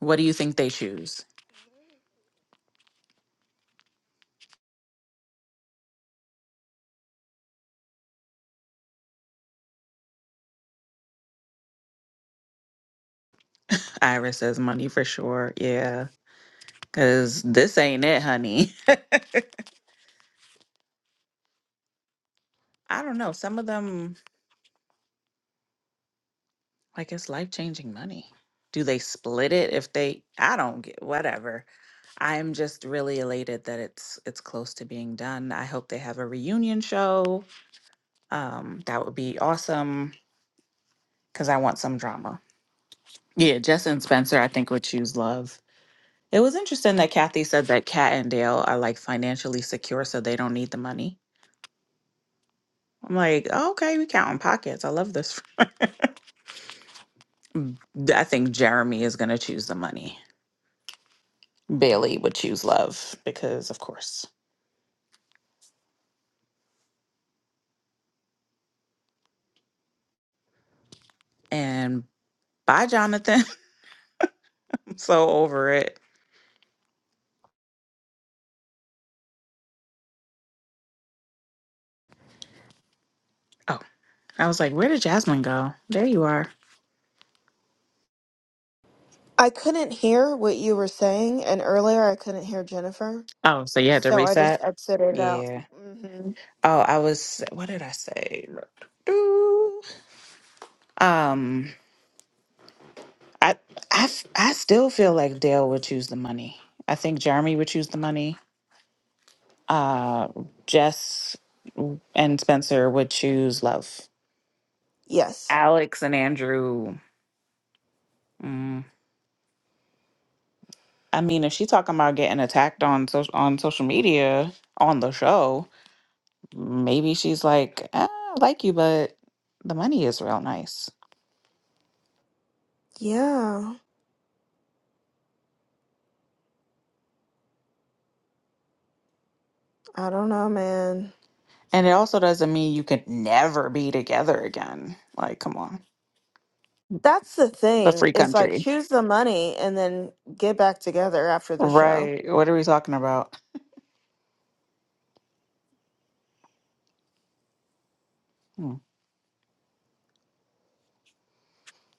What do you think they choose? Iris says money for sure. Yeah. Cause this ain't it, honey. [LAUGHS] I don't know. Some of them like it's life changing money. Do they split it if they I don't get whatever. I'm just really elated that it's it's close to being done. I hope they have a reunion show. Um, that would be awesome because I want some drama. Yeah, Jess and Spencer, I think would choose love. It was interesting that Kathy said that Kat and Dale are like financially secure, so they don't need the money. I'm like, "Oh, okay, we counting pockets. I love this. D- I think Jeremy is gonna choose the money. Bailey would choose love because, of course. And bye, Jonathan. [LAUGHS] I'm so over it. Oh, I was like, where did Jasmine go? There you are.
I couldn't hear what you were saying, and earlier I couldn't hear Jennifer,
Oh, so you had to
so I just
reset.
exited out.
Yeah.
Mm-hmm.
Oh, I was. What did I say? Do. Um, I, I, f- I still feel like Dale would choose the money. I think Jeremy would choose the money Uh, Jess and Spencer would choose love.
Yes.
Alex and Andrew. Mm. I mean, if she's talking about getting attacked on social on social media on the show, maybe she's like, ah, I like you, but the money is real nice.
Yeah. I don't know, man.
And it also doesn't mean you can never be together again. Like, come on,
That's the
it's a
thing
free
is like
country,
choose the money and then get back together after the show.
right? What are we talking about?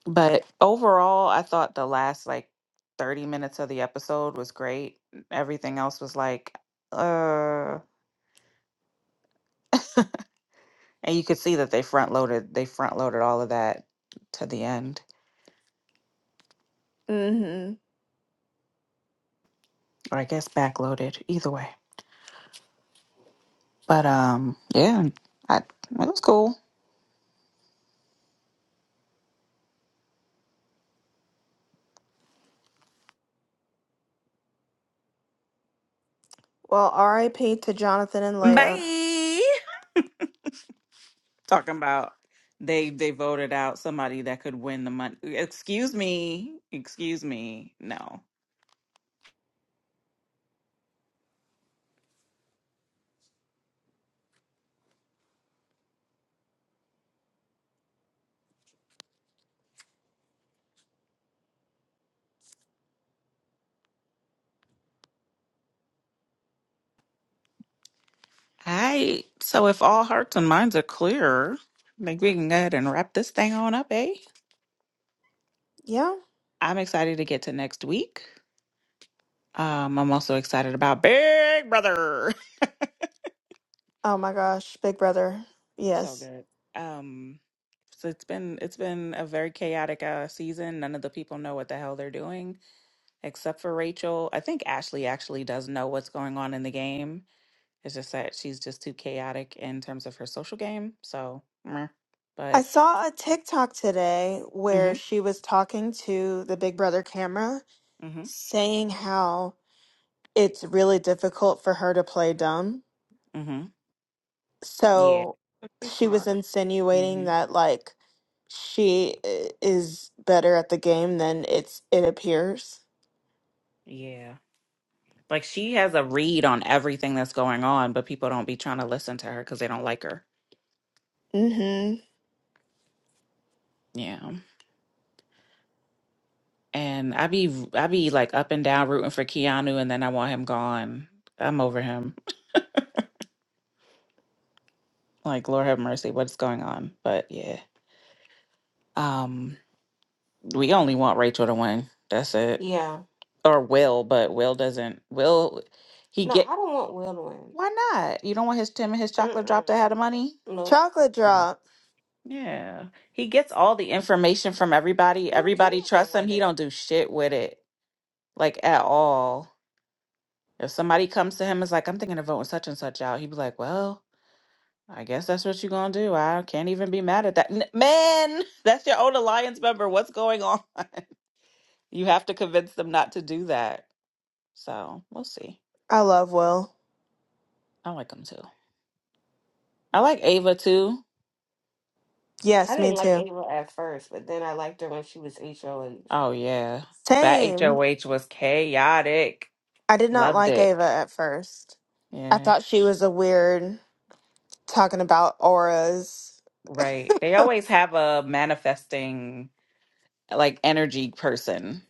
But overall, I thought the last like 30 minutes of the episode was great. Everything else was like, uh, and you could see that they front loaded, they front loaded all of that to the end,
Mm-hmm.
or I guess back loaded, either way. But um, yeah, I, it was cool.
Well, R.I.P. to Jonathan and Leia.
Bye. Talking about they they voted out somebody that could win the money. Excuse me, excuse me, no. I so if all hearts and minds are clear, maybe we can go ahead and wrap this thing on up, eh?
Yeah.
I'm excited to get to next week. Um, I'm also excited about Big Brother. [LAUGHS]
Oh my gosh, Big Brother.
So
Yes.
good. Um, so it's been it's been a very chaotic uh season. None of the people know what the hell they're doing except for Rachel. I think Ashley actually does know what's going on in the game. It's just that she's just too chaotic in terms of her social game. So, meh.
I
but
saw a TikTok today where
mm-hmm,
she was talking to the Big Brother camera,
mm-hmm,
saying how it's really difficult for her to play dumb.
mm-hmm. Yeah.
So
But she's
she was
smarter.
insinuating
hmm
that, like, she i- is better at the game than it's it appears.
Yeah. Like she has a read on everything that's going on, but people don't be trying to listen to her because they don't like her.
Mm-hmm.
Yeah. And I be I be like up and down rooting for Keanu and then I want him gone. I'm over him. Like Lord have mercy, what's going on? But yeah. Um we only want Rachel to win. That's it. Or Will, but Will doesn't Will he get why not? You don't want his Tim and his chocolate drop to Mm-mm. have the money?
Chocolate drop.
Yeah. He gets all the information from everybody. Everybody trusts him. He don't do shit with it, like at all. If somebody comes to him and is like, I'm thinking of voting such and such out, he'd be like, Well, I guess that's what you're gonna do. I can't even be mad at that. N- Man, [LAUGHS] that's your own alliance member. What's going on? [LAUGHS] you have to convince them not to do that. So we'll see.
I love Will.
I like him too. I like Ava too.
Yes, me too.
Oh yeah. That
Same.
HOH was chaotic.
I did not
Loved
like
it.
Ava at first. I
Yeah.
thought she was a weird talking about auras.
Right. They always have a manifesting like energy person.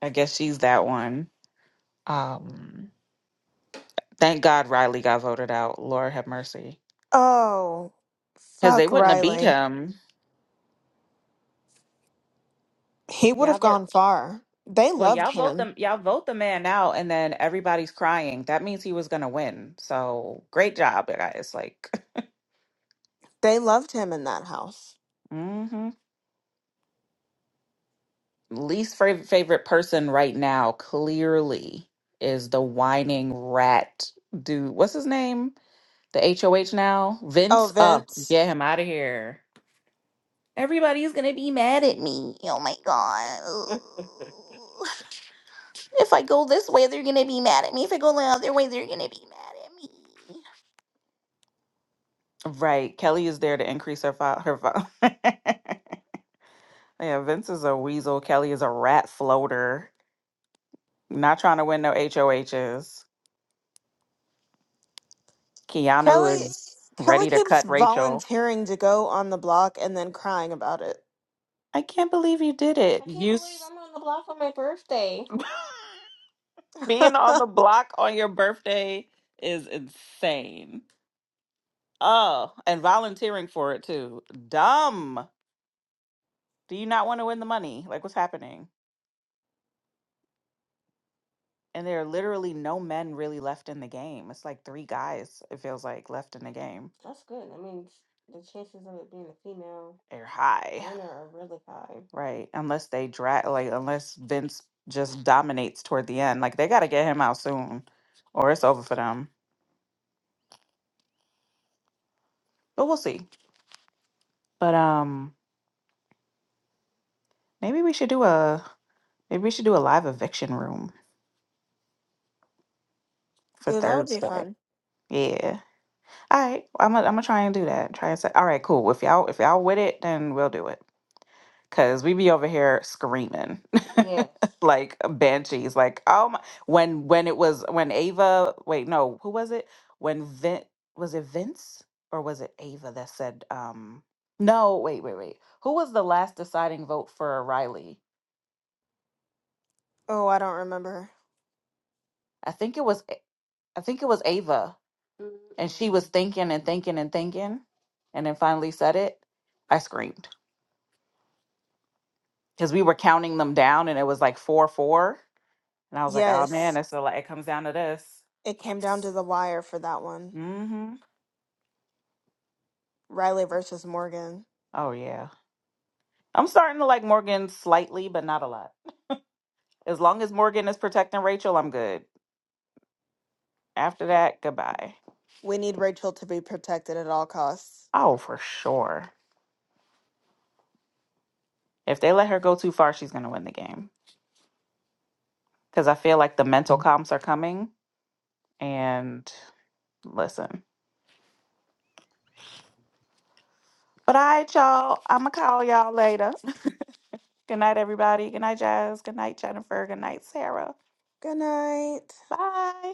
I guess she's that one. Um thank God Riley got voted out. Lord have mercy.
Oh,
Cuz they
fuck
wouldn't have beat
Riley.
him.
He would
Y'all
have
vote
gone far. They
well,
loved
y'all vote
him.
them y'all vote the man out and then everybody's crying. That means he was gonna win. So great job, guys. Like
They loved him in that house.
[LAUGHS] mhm. least fav- favorite person right now clearly is the whining rat dude. What's his name? The HOH now? Vince
Oh,
up.
Vince.
get him out of here. Everybody's gonna be mad at me. Oh my god. [LAUGHS] if I go this way, they're gonna be mad at me. If I go the other way, they're gonna be mad at me. Right. Kelly is there to increase her file. Her file. [LAUGHS] yeah, Vince is a weasel. Kelly is a rat floater. Not trying to win no H O Hs. Keanu
Kelly
is
Kelly
ready to
keeps
cut Rachel.
volunteering to go on the block and then crying about it.
I can't believe you did it. You s- [LAUGHS]
[LAUGHS]
being on the
Ooh,
block on your birthday is insane. Oh, and volunteering for it too. Dumb. Do you not want to win the money? Like, what's happening? And there are literally no men really left in the game. It's like three guys, it feels like, left in the game. They're high, right? Unless they drag, like, unless Vince just dominates toward the end. Like, they got to get him out soon or it's over for them. But we'll see. But, um, maybe we should do a, maybe we should do a live eviction room for
that would be
Thursday.
fun.
Yeah. All right. I'm gonna, I'm gonna try and do that. Try and say, all right, cool. If y'all, if y'all with it, then we'll do it. Cause we be over here screaming. like uh, banshees like oh my when when it was when ava wait no who was it when Vin was it vince or was it ava that said um no wait wait wait who was the last deciding vote for riley
Oh, I don't remember.
i think it was A- i think it was ava and she was thinking and thinking and thinking and then finally said it i screamed because we were counting them down and it was like four four and i was like oh man
Yes,
it's so like it comes down to this
it came down
yes
to the wire for that one.
mm-hmm
Riley versus Morgan.
oh yeah I'm starting to like Morgan slightly, but not a lot. As long as Morgan is protecting Rachel, I'm good. After that, goodbye.
We need Rachel to be protected at all costs.
Oh, for sure. If they let her go too far, she's going to win the game. Because I feel like the mental comps are coming. And listen. But all right, y'all. I'm going to call y'all later. [LAUGHS] good night, everybody. Good night, Jazz. Good night, Jennifer. Good night, Sarah.
Good night.
Bye.